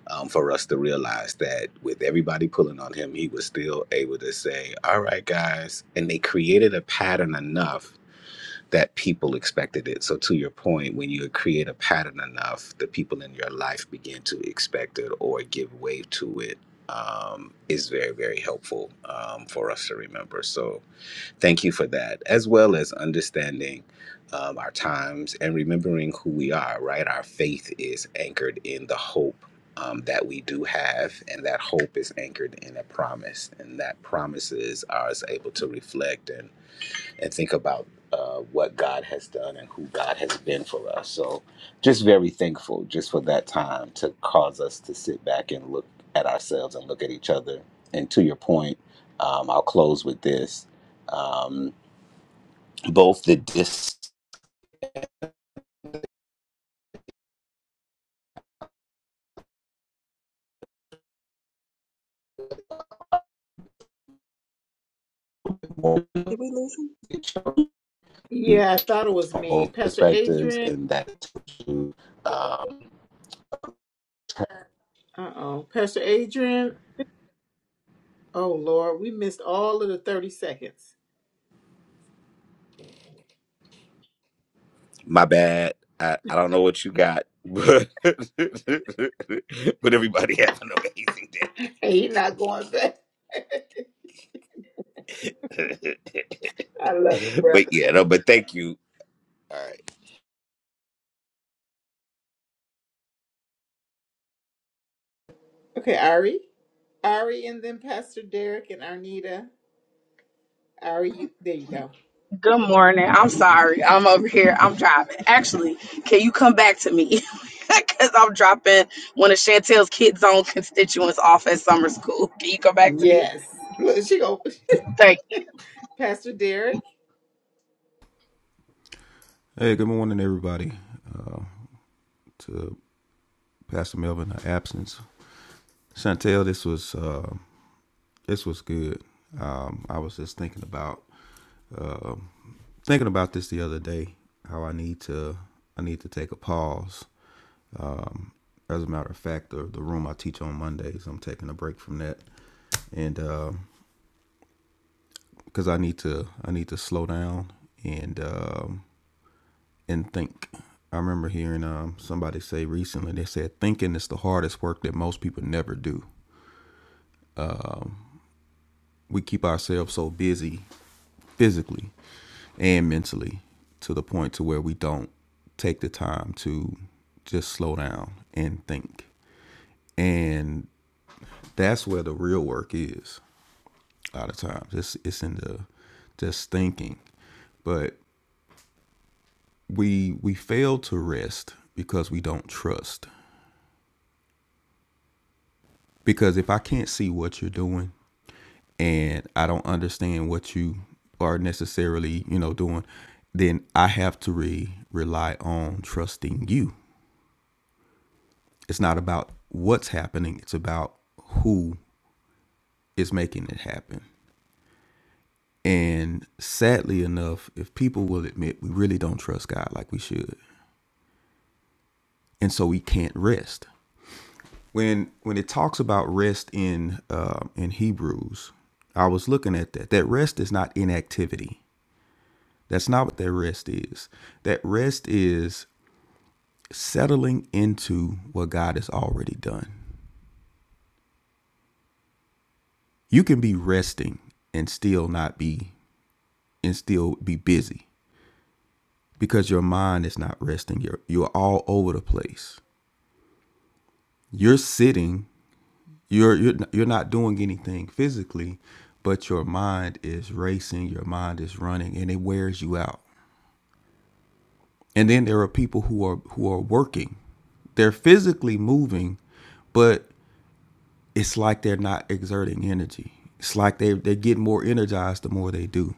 [SPEAKER 6] um, for us to realize that with everybody pulling on him, he was still able to say, "All right, guys." And they created a pattern enough that people expected it. So to your point, when you create a pattern enough, the people in your life begin to expect it or give way to it. Um, is very very helpful um, for us to remember. So thank you for that, as well as understanding um, our times and remembering who we are. Right, our faith is anchored in the hope. Um, that we do have, and that hope is anchored in a promise, and that promises are us able to reflect and and think about uh, what God has done and who God has been for us. So, just very thankful just for that time to cause us to sit back and look at ourselves and look at each other. And to your point, um, I'll close with this. Um, both the dis from
[SPEAKER 4] Did we lose him?
[SPEAKER 1] Yeah, I thought it was me.
[SPEAKER 6] both
[SPEAKER 1] Pastor
[SPEAKER 6] perspectives,
[SPEAKER 1] Adrian.
[SPEAKER 6] and that um,
[SPEAKER 1] Uh oh. Pastor Adrian. Oh, Lord. We missed all of the 30 seconds.
[SPEAKER 6] my bad. I, I don't know what you got, but but everybody have an amazing
[SPEAKER 1] He not going back.
[SPEAKER 6] day.
[SPEAKER 1] I love you, brother.
[SPEAKER 6] but yeah, no, but thank you. All right.
[SPEAKER 1] Okay, Ari. Ari and then Pastor Derek and Arnita. Ari, you, there you go.
[SPEAKER 9] Good morning. I'm sorry. I'm over here. I'm driving. Actually, can you come back to me? Because I'm dropping one of Chantel's kids' own constituents off at summer school. Can you come back to me?
[SPEAKER 1] Yes. Look, she go.
[SPEAKER 9] Thank
[SPEAKER 1] Pastor Derek.
[SPEAKER 10] Hey, good morning, everybody. Uh, to Pastor Melvin, her absence. Chantel, this was uh, this was good. Um, I was just thinking about thinking about this the other day. How I need to I need to take a pause. As a matter of fact, the, the room I teach on Mondays, I'm taking a break from that, and because uh, I need to I need to slow down and um, and think. I remember hearing um, somebody say recently. They said thinking is the hardest work that most people never do we keep ourselves so busy physically and mentally to the point to where we don't take the time to just slow down and think. And that's where the real work is a lot of times. It's it's in the just thinking. But we we fail to rest because we don't trust. Because if I can't see what you're doing and I don't understand what you are necessarily, you know, doing, then I have to re- rely on trusting you. It's not about what's happening, it's about who is making it happen. And sadly enough, if people will admit we really don't trust God like we should, and so we can't rest. When when it talks about rest in uh, in Hebrews, I was looking at that. That rest is not inactivity. That's not what that rest is. That rest is settling into what God has already done. You can be resting and still not be and still be busy because your mind is not resting. You're you're all over the place. You're sitting. You're you're you're not doing anything physically, but your mind is racing. Your mind is running, and it wears you out. And then there are people who are who are working. They're physically moving, but it's like they're not exerting energy. It's like they, they get more energized the more they do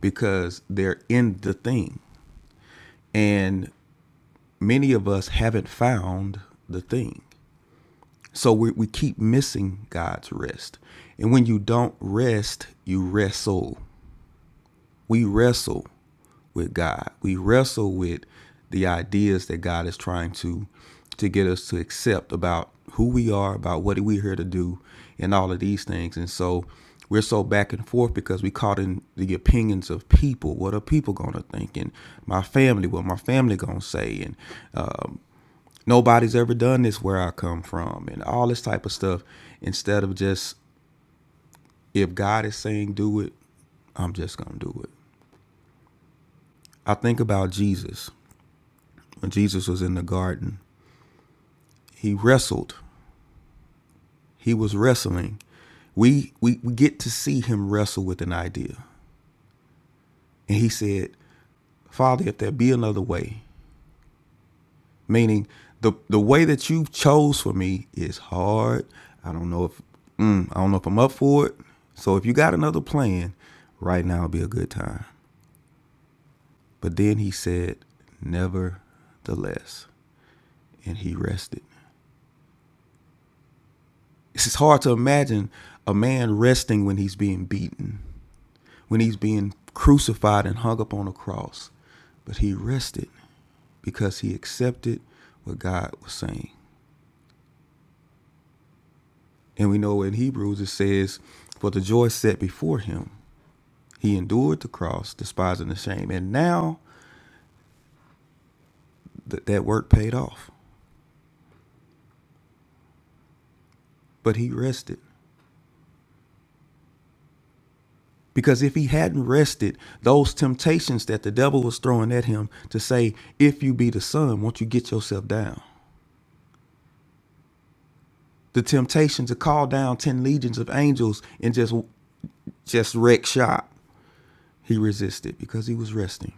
[SPEAKER 10] because they're in the thing. And many of us haven't found the thing. So we, we keep missing God's rest. And when you don't rest, you wrestle. We wrestle with God. We wrestle with the ideas that God is trying to to get us to accept about who we are, about what we're here to do, and all of these things. And so we're so back and forth because we caught in the opinions of people. What are people gonna think? And my family, what my family gonna say? And uh, nobody's ever done this where I come from, and all this type of stuff. Instead of just if God is saying do it, I'm just gonna do it. I think about Jesus when Jesus was in the garden He wrestled. He was wrestling. We, we we get to see him wrestle with an idea. And he said, Father, if there be another way, meaning the the way that you chose for me is hard. I don't know if mm, I don't know if I'm up for it. So if you got another plan, right now would be a good time. But then he said, Nevertheless, and he rested. It's hard to imagine a man resting when he's being beaten. when he's being crucified and hung up on a cross. But he rested because he accepted what God was saying. And we know in Hebrews it says, For the joy set before him, he endured the cross, despising the shame. And now th- that work paid off. But he rested. Because if he hadn't rested, those temptations that the devil was throwing at him to say, If you be the son, won't you get yourself down? The temptation to call down 10 legions of angels and just just wreck shop he resisted because he was resting.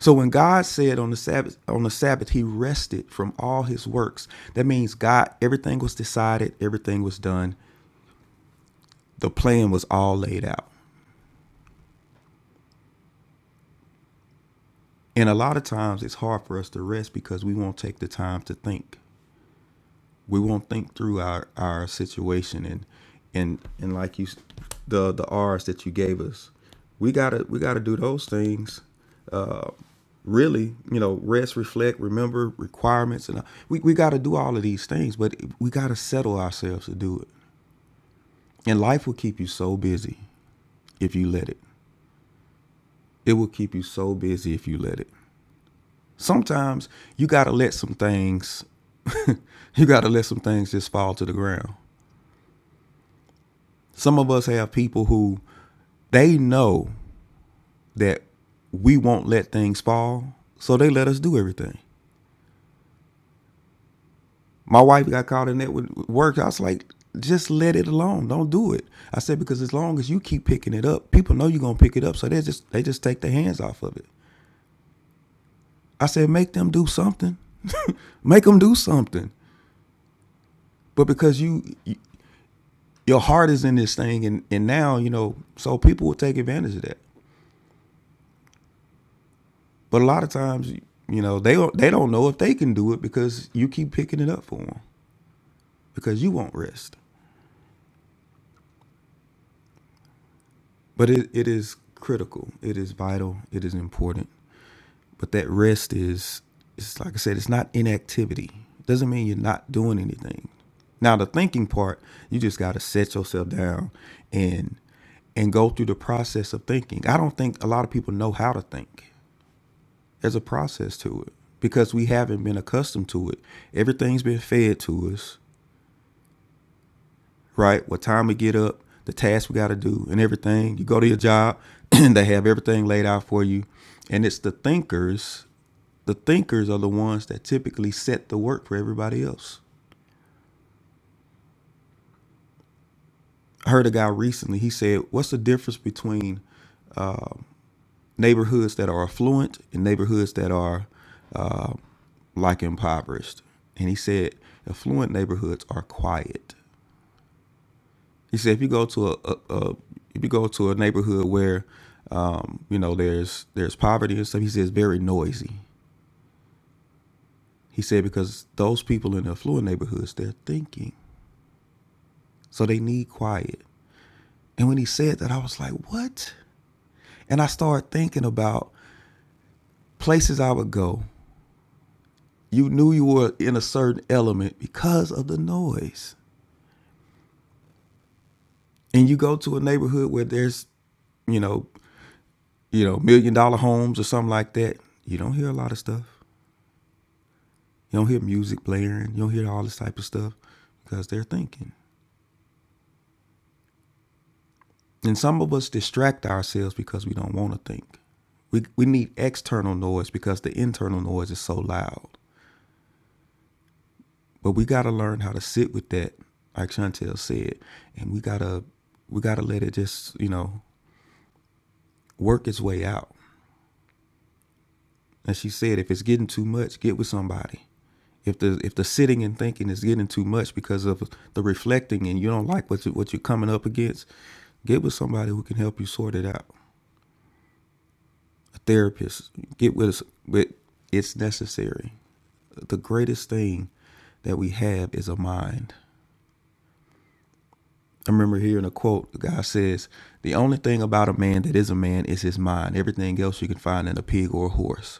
[SPEAKER 10] So when God said on the Sabbath, on the Sabbath, he rested from all his works. That means God, everything was decided, everything was done. The plan was all laid out. And a lot of times it's hard for us to rest because we won't take the time to think. We won't think through our, our situation and and and like you the the R's that you gave us. We gotta we gotta do those things uh, really, you know, rest, reflect, remember requirements, and uh, we we got to do all of these things, but we got to settle ourselves to do it. And life will keep you so busy if you let it. It will keep you so busy if you let it. Sometimes you got to let some things. you got to let some things just fall to the ground. Some of us have people who they know that we won't let things fall, so they let us do everything. My wife got caught in that with work. I was like, just let it alone. Don't do it. I said because as long as you keep picking it up, people know you're gonna pick it up, so they just they just take their hands off of it. I said make them do something, make them do something. But because you, you your heart is in this thing, and and now you know, so people will take advantage of that. But a lot of times, you know, they don't they don't know if they can do it because you keep picking it up for them because you won't rest. But it, it is critical. It is vital. It is important But that rest is, it's like I said, it's not inactivity. It doesn't mean you're not doing anything. Now the thinking part, you just got to set yourself down and and go through the process of thinking. I don't think a lot of people know how to think. There's a process to it because we haven't been accustomed to it. Everything's been fed to us, right? What time we get up, the tasks we got to do, and everything. You go to your job, and they have everything laid out for you. And it's the thinkers the thinkers are the ones that typically set the work for everybody else. I heard a guy recently, he said, What's the difference between neighborhoods that are affluent and neighborhoods that are uh, like impoverished? And he said, Affluent neighborhoods are quiet. He said, If you go to a, a, a if you go to a neighborhood where um, you know there's there's poverty and stuff, he says very noisy. He said because those people in the affluent neighborhoods, they're thinking, so they need quiet. And when he said that, I was like, what? And I started thinking about places I would go. You knew you were in a certain element because of the noise. And you go to a neighborhood where there's, you know, you know, million dollar homes or something like that. You don't hear a lot of stuff. You don't hear music blaring. You don't hear all this type of stuff because they're thinking. And some of us distract ourselves because we don't want to think. We, we need external noise because the internal noise is so loud. But we gotta learn how to sit with that, like Chantel said, and we gotta we gotta let it just you know work its way out. And she said, if it's getting too much, get with somebody. If the if the sitting and thinking is getting too much because of the reflecting and you don't like what you, what you're coming up against, get with somebody who can help you sort it out. A therapist. Get with us, but it's necessary. The greatest thing that we have is a mind. I remember hearing a quote. The guy says, "The only thing about a man that is a man is his mind. Everything else you can find in a pig or a horse.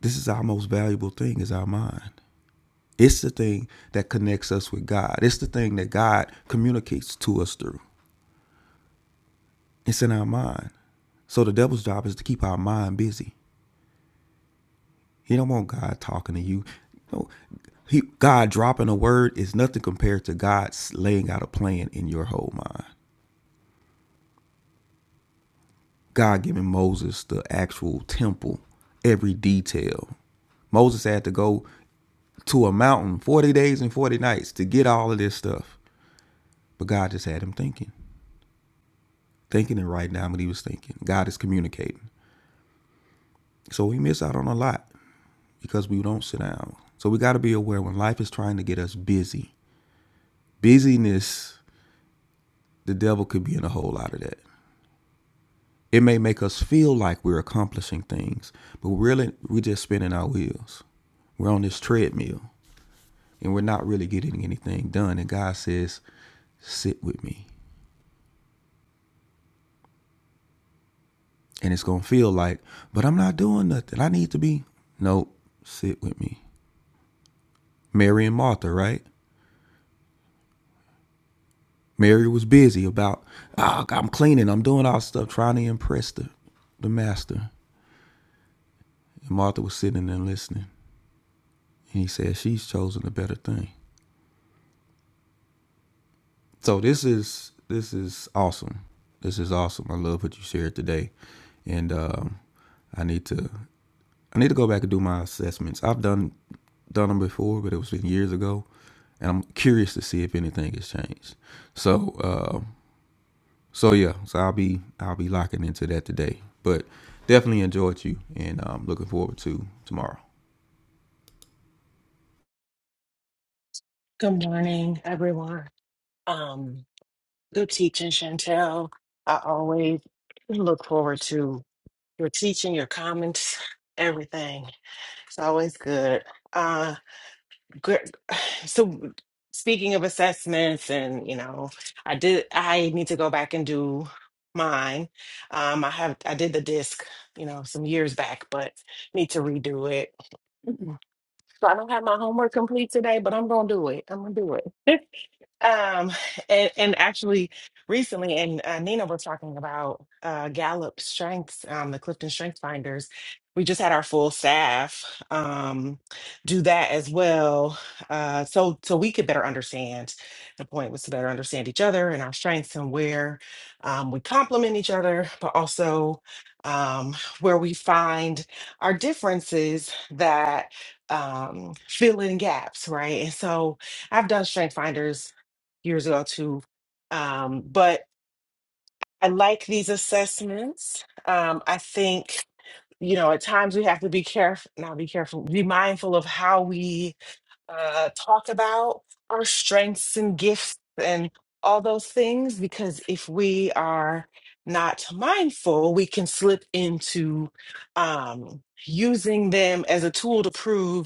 [SPEAKER 10] This is our most valuable thing: is our mind. It's the thing that connects us with God. It's the thing that God communicates to us through. It's in our mind. So the devil's job is to keep our mind busy. He don't want God talking to you. No, he, God dropping a word is nothing compared to God laying out a plan in your whole mind. God giving Moses the actual temple, every detail. Moses had to go to a mountain 40 days and 40 nights to get all of this stuff. But God just had him thinking, thinking and writing down what he was thinking. God is communicating. So we miss out on a lot because we don't sit down. So we got to be aware when life is trying to get us busy. Busyness, the devil could be in a whole lot of that. It may make us feel like we're accomplishing things, but really we're just spinning our wheels. We're on this treadmill. and we're not really getting anything done. And God says, sit with me. And it's going to feel like, but I'm not doing nothing. I need to be. Nope, sit with me. Mary and Martha, right? Mary was busy about, oh, I'm cleaning, I'm doing all stuff, trying to impress the, the master. And Martha was sitting there listening. And he said, she's chosen the better thing. So this is this is awesome. This is awesome. I love what you shared today. And um, I need to I need to go back and do my assessments. I've done done them before, but it was years ago, and I'm curious to see if anything has changed. So, uh, so yeah, so I'll be I'll be locking into that today. But definitely enjoyed you, and I'm um, looking forward to tomorrow.
[SPEAKER 11] Good morning, everyone. Um, good teaching, Chantel. I always look forward to your teaching, your comments, everything. It's always good. Uh, good. So, speaking of assessments, and you know, I did. I need to go back and do mine. Um, I have. I did the disc, you know, some years back, but need to redo it. So I don't have my homework complete today, but I'm gonna do it. I'm gonna do it. Um, and, and actually, recently, and uh, Nina was talking about uh, Gallup Strengths, um, the Clifton Strength Finders. We just had our full staff um, do that as well, uh, so so we could better understand. The point was to better understand each other and our strengths and where um, we complement each other, but also um, where we find our differences that um, fill in gaps, right? And so I've done strength finders years ago too. Um, but I like these assessments. Um, I think, you know, at times we have to be careful, not be careful, be mindful of how we uh, talk about our strengths and gifts and all those things, because if we are not mindful, we can slip into um, using them as a tool to prove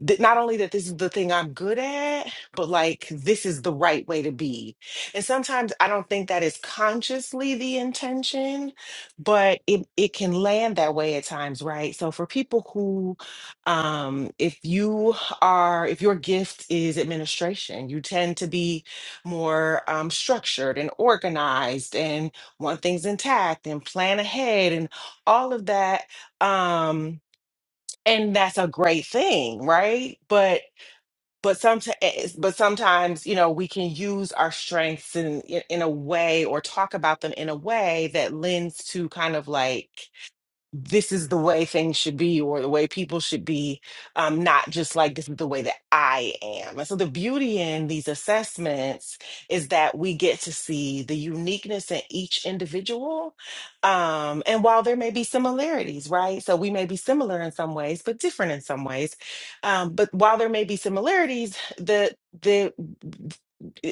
[SPEAKER 11] that not only that this is the thing I'm good at, but like this is the right way to be. And sometimes I don't think that is consciously the intention, but it, it can land that way at times, right? So for people who um if you are if your gift is administration, you tend to be more um structured and organized and want things intact and plan ahead and all of that. Um and that's a great thing right but but sometimes but sometimes you know we can use our strengths in in in a way or talk about them in a way that lends to kind of like this is the way things should be or the way people should be um not just like this is the way that i am and so the beauty in these assessments is that we get to see the uniqueness in each individual um and while there may be similarities right so we may be similar in some ways but different in some ways um but while there may be similarities the the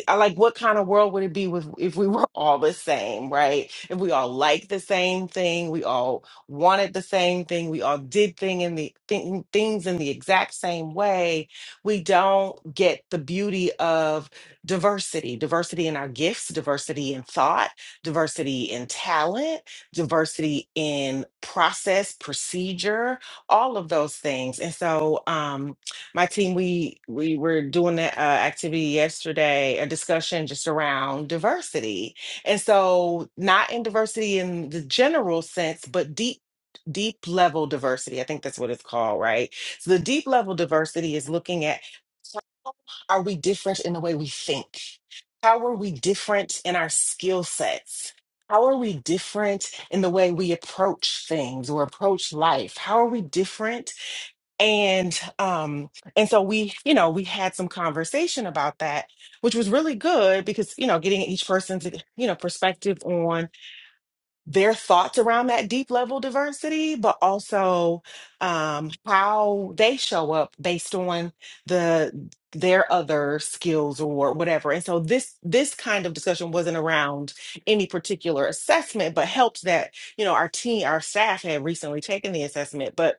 [SPEAKER 11] I like what kind of world would it be with if we were all the same, right? If we all liked the same thing, we all wanted the same thing, we all did thing in the thing things in the exact same way, we don't get the beauty of diversity, diversity in our gifts, diversity in thought, diversity in talent, diversity in process, procedure, all of those things. And so um, my team we we were doing an uh, activity yesterday a discussion just around diversity and so not in diversity in the general sense but deep deep level diversity i think that's what it's called right so the deep level diversity is looking at are we different in the way we think how are we different in our skill sets how are we different in the way we approach things or approach life how are we different and um and so we you know we had some conversation about that which was really good because you know getting each person's you know perspective on their thoughts around that deep level diversity, but also um, how they show up based on the their other skills or whatever. And so this this kind of discussion wasn't around any particular assessment, but helped that you know our team, our staff had recently taken the assessment, but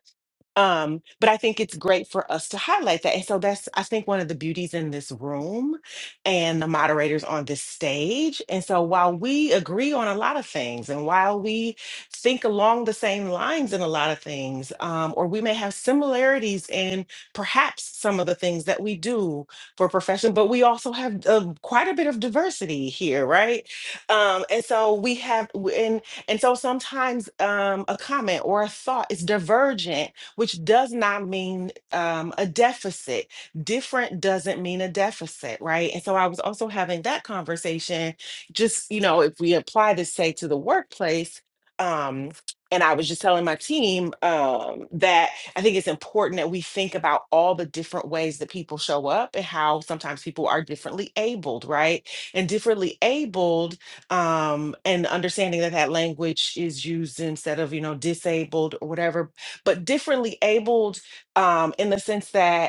[SPEAKER 11] um but i think it's great for us to highlight that and so that's i think one of the beauties in this room and the moderators on this stage. And so while we agree on a lot of things and while we think along the same lines in a lot of things, um, or we may have similarities in perhaps some of the things that we do for a profession, but we also have uh, quite a bit of diversity here, right? Um, and so we have, w- and, and so sometimes um, a comment or a thought is divergent, which does not mean um, a deficit different doesn't mean a deficit, right? And so I was also having that conversation, just, you know, if we apply this, say, to the workplace, um, and I was just telling my team um, that I think it's important that we think about all the different ways that people show up and how sometimes people are differently abled, right? And differently abled, um, and understanding that that language is used instead of, you know, disabled or whatever, but differently abled um, in the sense that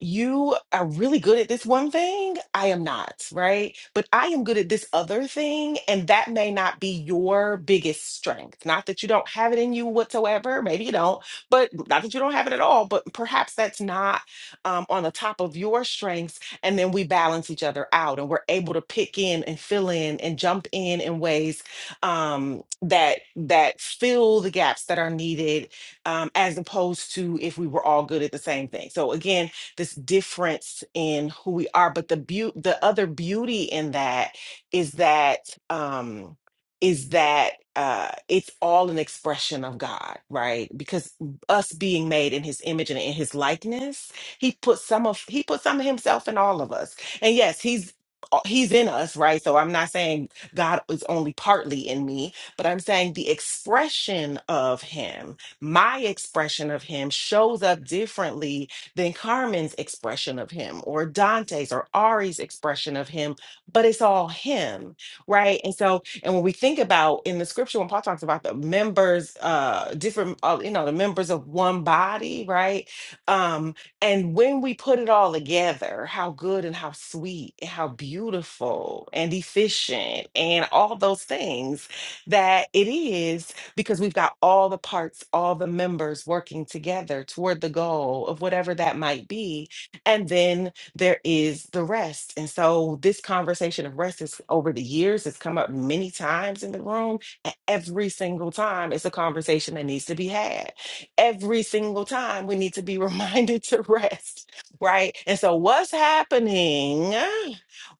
[SPEAKER 11] you are really good at this one thing. I am not, right? But I am good at this other thing. And that may not be your biggest strength. Not that you don't have it in you whatsoever. Maybe you don't, but not that you don't have it at all. But perhaps that's not um, on the top of your strengths. And then we balance each other out and we're able to pick in and fill in and jump in in ways um, that, that fill the gaps that are needed um, as opposed to if we were all good at the same thing. So again, this difference in who we are. But the beauty, the other beauty in that is that um, is that uh, it's all an expression of God, right? Because us being made in His image and in His likeness, He put some of He put some of Himself in all of us. And yes, He's uh, He's in us, right? So I'm not saying God is only partly in me, but I'm saying the expression of Him, my expression of Him, shows up differently than Carmen's expression of him or Dante's or Ari's expression of him, but it's all him, right? And so, and when we think about in the scripture, when Paul talks about the members, uh, different, uh, you know, the members of one body, right? Um, and when we put it all together, how good and how sweet and how beautiful and efficient and all those things that it is because we've got all the parts, all the members working together toward the goal of whatever that might be. And then there is the rest. And so this conversation of rest is over the years, it's come up many times in the room. And every single time, it's a conversation that needs to be had. Every single time, we need to be reminded to rest, right? And so, what's happening?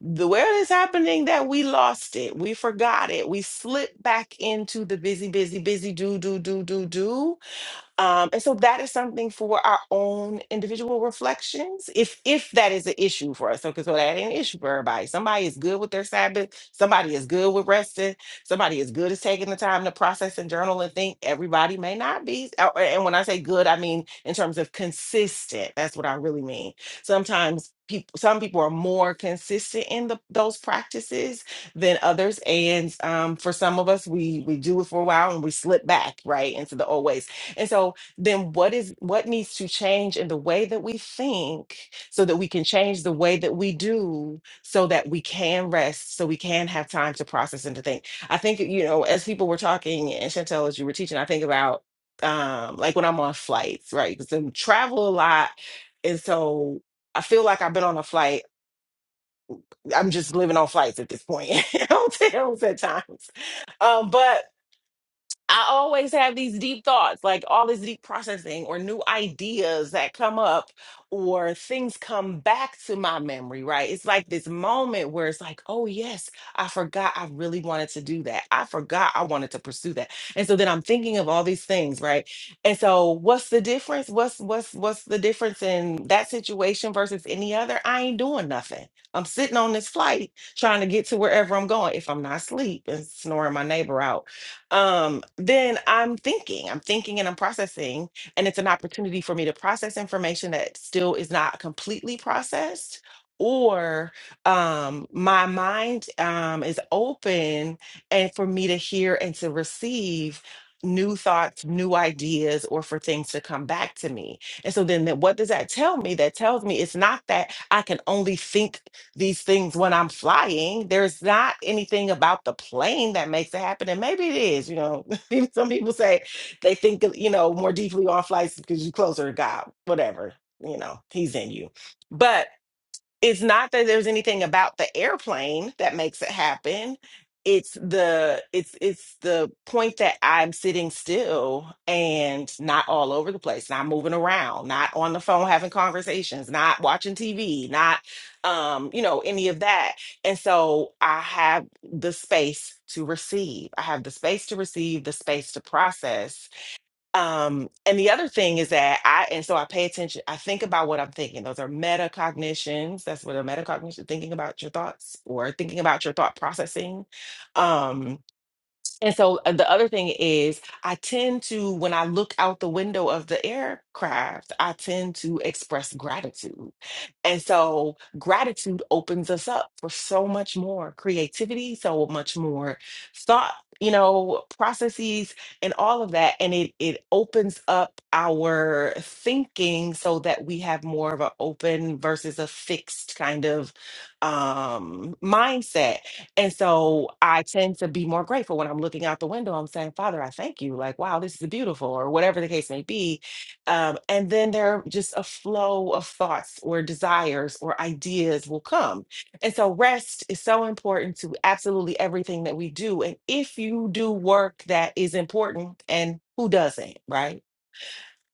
[SPEAKER 11] the where it is happening that we lost it, we forgot it, we slipped back into the busy, busy, busy, do, do, do, do, do. Um, and so that is something for our own individual reflections, if if that is an issue for us. So, because so that ain't an issue for everybody. Somebody is good with their Sabbath. Somebody is good with resting. Somebody is good at taking the time to process and journal and think. Everybody may not be. Uh, And when I say good, I mean in terms of consistent. That's what I really mean. Sometimes people, some people are more consistent in the, those practices than others, and um, for some of us, we we do it for a while and we slip back right into the old ways and so then what is what needs to change in the way that we think so that we can change the way that we do so that we can rest, so we can have time to process and to think. I think, you know, as people were talking and Chantel, as you were teaching, I think about um like when I'm on flights, right? Because I travel a lot. And so I feel like I've been on a flight. I'm just living on flights at this point, hotels at times. Um, but I always have these deep thoughts, like all this deep processing or new ideas that come up or things come back to my memory, right? It's like this moment where it's like, oh, yes, I forgot I really wanted to do that. I forgot I wanted to pursue that. And so then I'm thinking of all these things, right? And so what's the difference? What's what's what's the difference in that situation versus any other? I ain't doing nothing. I'm sitting on this flight trying to get to wherever I'm going if I'm not asleep and snoring my neighbor out um, then I'm thinking, I'm thinking and I'm processing. And it's an opportunity for me to process information that still is not completely processed. Or um, my mind um, is open and for me to hear and to receive new thoughts, new ideas, or for things to come back to me. And so then that- what does that tell me? That tells me it's not that I can only think these things when I'm flying. There's not anything about the plane that makes it happen. And maybe it is, you know, even some people say they think, you know, more deeply on flights because you're closer to God, whatever, you know, He's in you. But it's not that there's anything about the airplane that makes it happen it's the it's it's the point that i'm sitting still and not all over the place not moving around not on the phone having conversations not watching tv not um you know any of that and so i have the space to receive i have the space to receive the space to process um and the other thing is that i and so i pay attention i think about what i'm thinking those are metacognitions that's what a metacognition thinking about your thoughts or thinking about your thought processing um and so uh, the other thing is, I tend to, when I look out the window of the aircraft, I tend to express gratitude. And so gratitude opens us up for so much more creativity, so much more thought, you know, processes and all of that. And it it opens up our thinking so that we have more of an open versus a fixed kind of um mindset and so I tend to be more grateful when I'm looking out the window. I'm saying, Father, I thank you. Like, wow, this is beautiful, or whatever the case may be. Um, and then there are just a flow of thoughts or desires or ideas will come. And so rest is so important to absolutely everything that we do. And if you do work that is important, and who doesn't, right?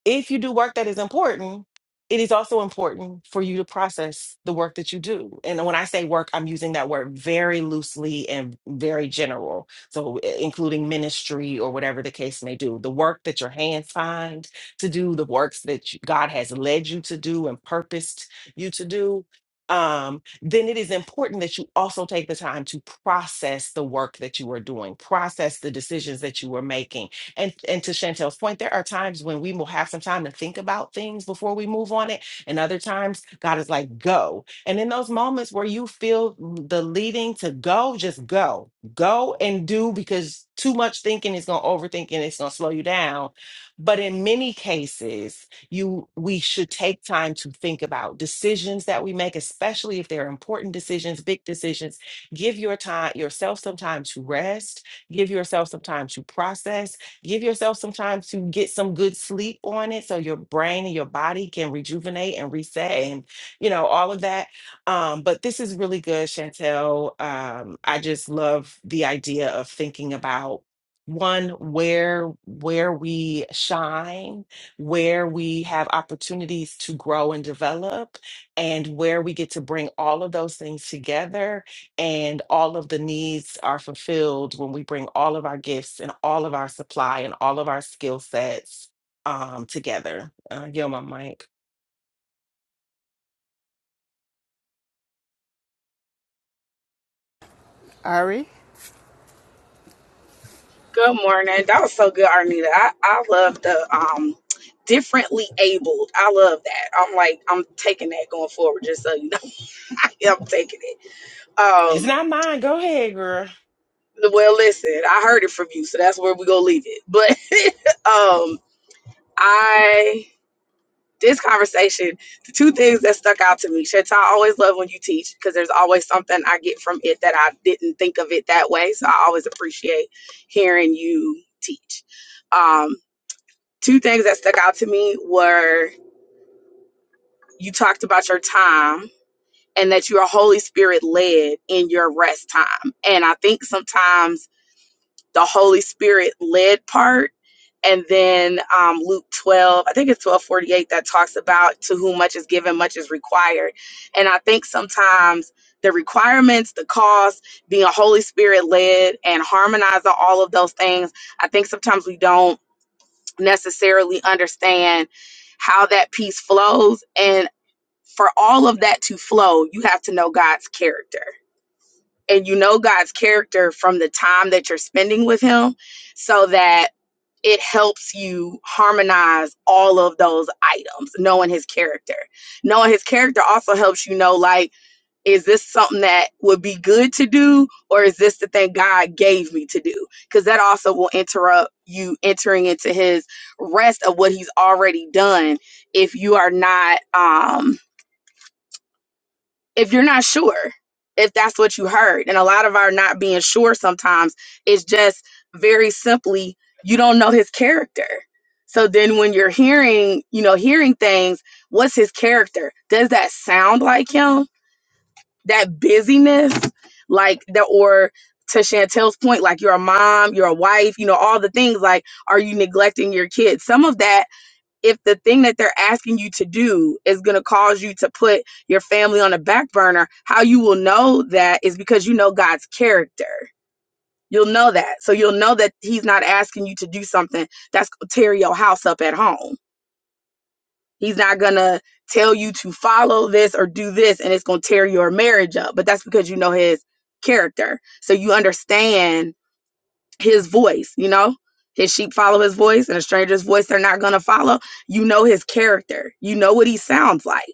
[SPEAKER 11] If you do work that is important, it is also important for you to process the work that you do. And when I say work, I'm using that word very loosely and very general. So, i- including ministry or whatever the case may do, the work that your hands find to do, the works that you- God has led you to do and purposed you to do. Um, then it is important that you also take the time to process the work that you are doing, process the decisions that you are making and and to Chantel's point, there are times when we will have some time to think about things before we move on it, and other times God is like, go. And in those moments where you feel the leading to go, just go, go and do because too much thinking is gonna overthink and it's gonna slow you down. But in many cases, you we should take time to think about decisions that we make, especially if they're important decisions, big decisions. Give your time yourself some time to rest. Give yourself some time to process Give yourself some time to get some good sleep on it so your brain and your body can rejuvenate and reset and, you know, all of that. Um, but this is really good, Chantel. Um, I just love the idea of thinking about one where where we shine where we have opportunities to grow and develop and where we get to bring all of those things together and all of the needs are fulfilled when we bring all of our gifts and all of our supply and all of our skill sets um, together. Uh, yo, my mic.
[SPEAKER 1] Ari?
[SPEAKER 9] you. Good morning. That was so good, Arnita. I, I love the um differently abled. I love that. I'm like, I'm taking that going forward, just so you know. I'm taking it.
[SPEAKER 11] It's
[SPEAKER 9] Um
[SPEAKER 11] not mine. Go ahead, girl.
[SPEAKER 9] well listen, I heard it from you, so that's where we're gonna leave it. But um I this conversation, the two things that stuck out to me. Shetta, I always love when you teach because there's always something I get from it that I didn't think of it that way. So I always appreciate hearing you teach. Um, two things that stuck out to me were you talked about your time and that you are Holy Spirit led in your rest time. And I think sometimes the Holy Spirit led part. And then um, Luke 12, I think it's 1248 that talks about to whom much is given, much is required. And I think sometimes the requirements, the cost, being Holy Spirit led and harmonizing all of those things, I think sometimes we don't necessarily understand how that piece flows. And for all of that to flow, you have to know God's character and you know God's character from the time that you're spending with Him so that it helps you harmonize all of those items, knowing His character. Knowing His character also helps you know, like, is this something that would be good to do, or is this the thing God gave me to do? Because that also will interrupt you entering into His rest of what He's already done if you are not, um, if you're not sure if that's what you heard and a lot of our not being sure sometimes is just very simply you don't know his character so then when you're hearing you know hearing things what's his character does that sound like him that busyness like the or to chantel's point like you're a mom you're a wife you know all the things like are you neglecting your kids some of that if the thing that they're asking you to do is going to cause you to put your family on the back burner, how you will know that is because you know God's character. You'll know that. So you'll know that He's not asking you to do something that's going to tear your house up at home. He's not going to tell you to follow this or do this and it's going to tear your marriage up. But that's because you know His character. So you understand his voice, you know? His sheep follow his voice, and a stranger's voice they're not gonna follow. You know his character. You know what he sounds like.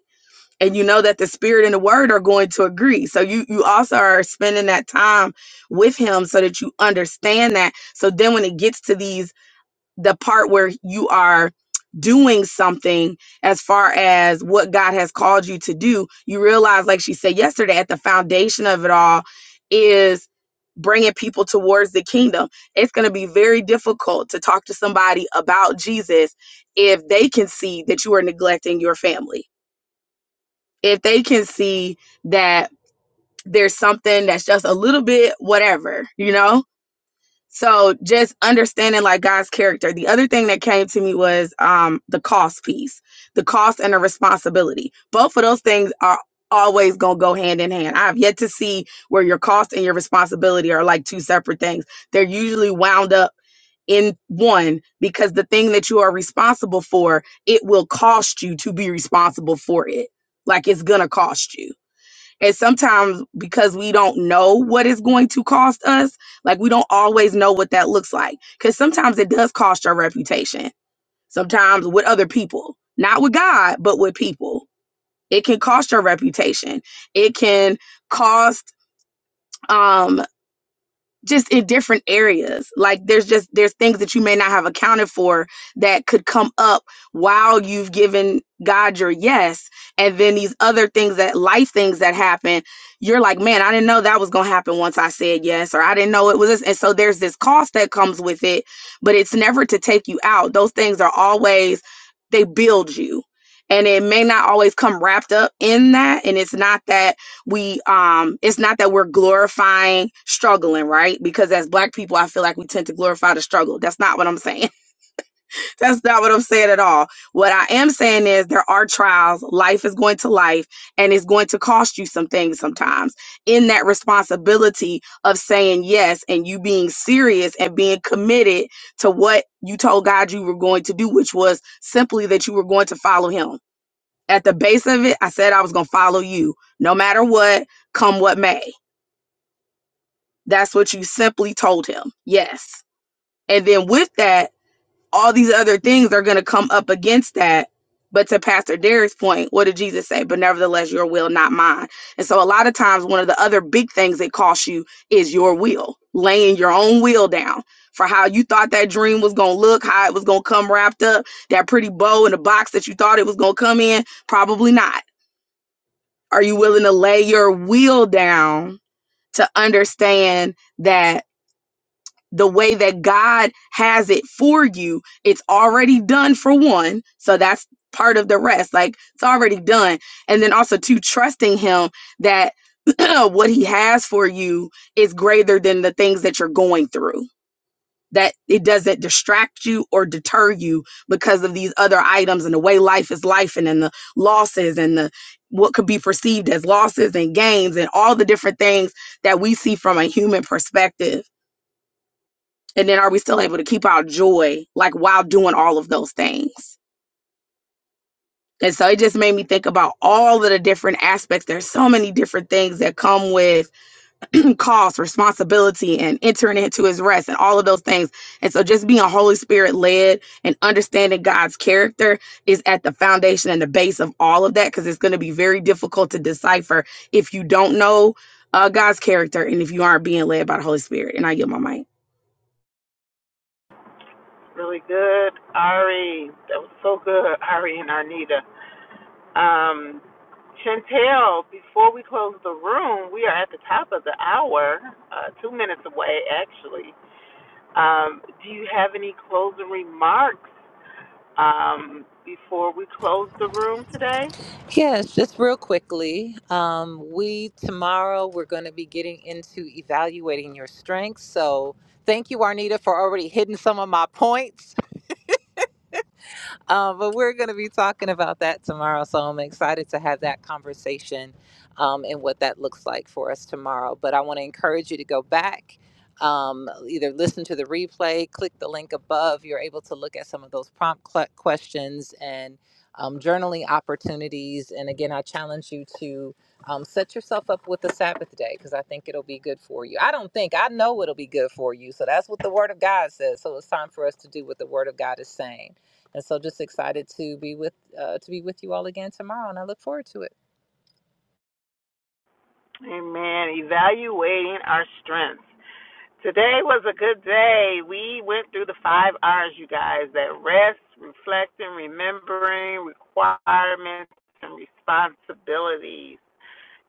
[SPEAKER 9] And you know that the spirit and the word are going to agree. So you you also are spending that time with him so that you understand that. So then when it gets to these the part where you are doing something as far as what God has called you to do, you realize, like she said yesterday, at the foundation of it all is bringing people towards the kingdom. It's going to be very difficult to talk to somebody about Jesus if they can see that you are neglecting your family, if they can see that there's something that's just a little bit whatever, you know? So just understanding like God's character. The other thing that came to me was um the cost piece, the cost and the responsibility. Both of those things are always gonna go hand in hand. I have yet to see where your cost and your responsibility are like two separate things. They're usually wound up in one because the thing that you are responsible for, it will cost you to be responsible for it. Like it's gonna cost you and sometimes because we don't know what it's going to cost us, like we don't always know what that looks like. Because sometimes it does cost your reputation, sometimes with other people, not with God, but with people. It can cost your reputation. It can cost, um, just in different areas like there's just there's things that you may not have accounted for that could come up while you've given god your yes and then these other things that life things that happen you're like man i didn't know that was going to happen once i said yes or i didn't know it was this and so there's this cost that comes with it but it's never to take you out those things are always they build you and it may not always come wrapped up in that and it's not that we um it's not that we're glorifying struggling right because as black people i feel like we tend to glorify the struggle that's not what i'm saying that's not what i'm saying at all what i am saying is there are trials life is going to life and it's going to cost you some things sometimes in that responsibility of saying yes and you being serious and being committed to what you told god you were going to do which was simply that you were going to follow him at the base of it, I said I was going to follow you no matter what, come what may. That's what you simply told him. Yes. And then with that, all these other things are going to come up against that. But to Pastor Derek's point, what did Jesus say? But nevertheless, your will, not mine. And so a lot of times, one of the other big things it costs you is your will, laying your own will down for how you thought that dream was going to look, how it was going to come wrapped up, that pretty bow in the box that you thought it was going to come in. Probably not Are you willing to lay your wheel down to understand that the way that God has it for you, it's already done for one. So that's part of the rest. Like it's already done. And then also to trusting him that what he has for you is greater than the things that you're going through that it doesn't distract you or deter you because of these other items and the way life is life and, and the losses and the what could be perceived as losses and gains and all the different things that we see from a human perspective and then are we still able to keep our joy like while doing all of those things and so it just made me think about all of the different aspects there's so many different things that come with cost, responsibility, and entering into his rest and all of those things. And so just being Holy Spirit led and understanding God's character is at the foundation and the base of all of that because it's going to be very difficult to decipher if you don't know uh, God's character and if you aren't being led by the Holy Spirit. And I yield my mic.
[SPEAKER 1] Really good. Ari, that was so good, Ari and Arnita. Um, Chantel, before we close the room, we are at the top of the hour, uh, two minutes away, actually. Um, do you have any closing remarks um, before we close?
[SPEAKER 7] Yes, just real quickly. Um, we tomorrow we're going to be getting into evaluating your strengths. So thank you, Arnita, for already hitting some of my points uh, but we're going to be talking about that tomorrow. So I'm excited to have that conversation um, and what that looks like for us tomorrow. But I want to encourage you to go back. Um, either listen to the replay, click the link above. You're able to look at some of those prompt cl- questions and um, journaling opportunities. And again, I challenge you to um, set yourself up with a Sabbath day because I think it'll be good for you. I don't think, I know it'll be good for you. So that's what the Word of God says. So it's time for us to do what the Word of God is saying and so just excited to be with uh, to be with you all again tomorrow and I look forward to it.
[SPEAKER 1] Amen. Evaluating our strengths. Today was a good day. We went through the five R's, you guys that rest, reflecting, remembering, requirements, and responsibilities.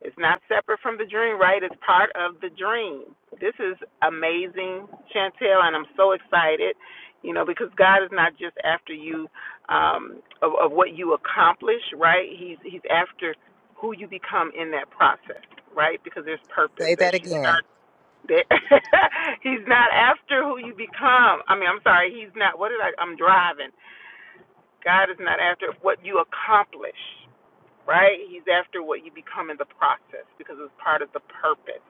[SPEAKER 1] It's not separate from the dream, right? It's part of the dream. This is amazing, Chantel, and I'm so excited, you know, because God is not just after you um, of, of what you accomplish, right? He's He's after who you become in that process, right? Because there's purpose,
[SPEAKER 7] Say
[SPEAKER 1] as
[SPEAKER 7] that again.
[SPEAKER 1] he's not after who you become. I mean, I'm sorry, he's not. What did I? I'm driving. God is not after what you accomplish, right? He's after what you become in the process because it's part of the purpose.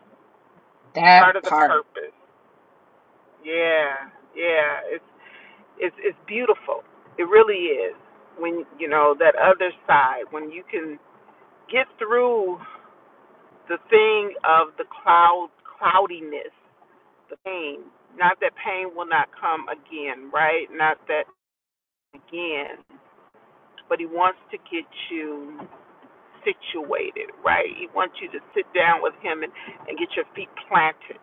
[SPEAKER 1] It's
[SPEAKER 9] That
[SPEAKER 1] part of the
[SPEAKER 9] part.
[SPEAKER 1] purpose. Yeah, yeah. It's it's it's beautiful. It really is. When you know that other side, when you can get through the thing of the cloud cloudiness the pain. Not that pain will not come again, right? Not that again, but he wants to get you situated, right? He wants you to sit down with him and, and get your feet planted,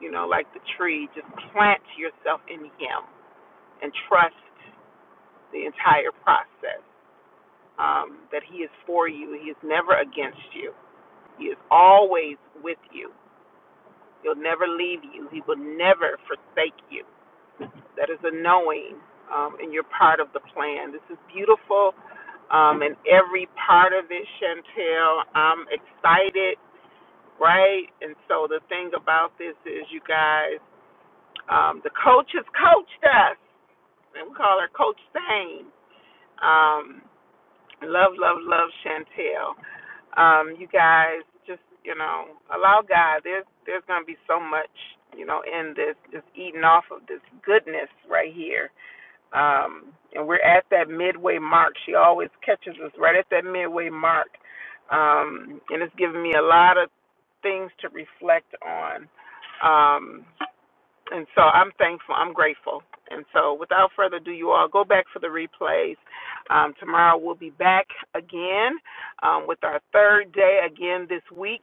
[SPEAKER 1] you know, like the tree. Just plant yourself in him and trust the entire process um, that he is for you. He is never against you, he is always with you. He'll never leave you, he will never forsake you. That is a knowing, um, and you're part of the plan. This is beautiful, um, and every part of it, Chantel. I'm excited, right? And so the thing about this is, you guys, um, the coach has coached us, and we call her Coach Sane. Um, love, love, love, Chantel. Um, you guys, just you know, allow God. There's there's gonna be so much, you know, in this, just eating off of this goodness right here Um, and we're at that midway mark. She always catches us right at that midway mark. Um, and it's given me a lot of things to reflect on. Um, and so I'm thankful. I'm grateful. And so without further ado, you all go back for the replays. Um, tomorrow we'll be back again um, with our third day again this week.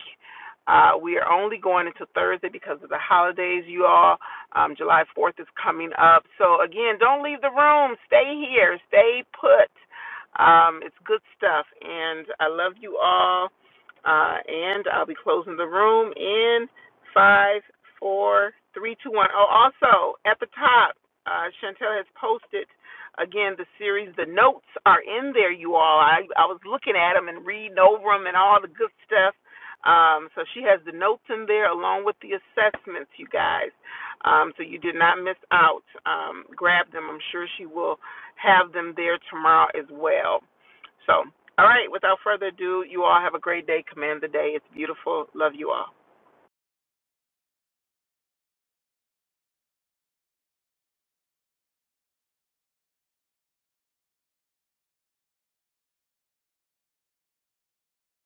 [SPEAKER 1] Uh, we are only going into Thursday because of the holidays, you all. Um, July 4th is coming up. So, again, don't leave the room. Stay here. Stay put. Um, it's good stuff. And I love you all. Uh, and I'll be closing the room in five, four, three, two, one. Oh, also at the top, uh, Chantel has posted again the series. The notes are in there, you all. I I was looking at them and reading over them and all the good stuff. Um, so she has the notes in there along with the assessments, you guys. Um, so you did not miss out. Um, grab them. I'm sure she will have them there tomorrow as well. So, all right, without further ado, you all have a great day. Command the day. It's beautiful. Love you all.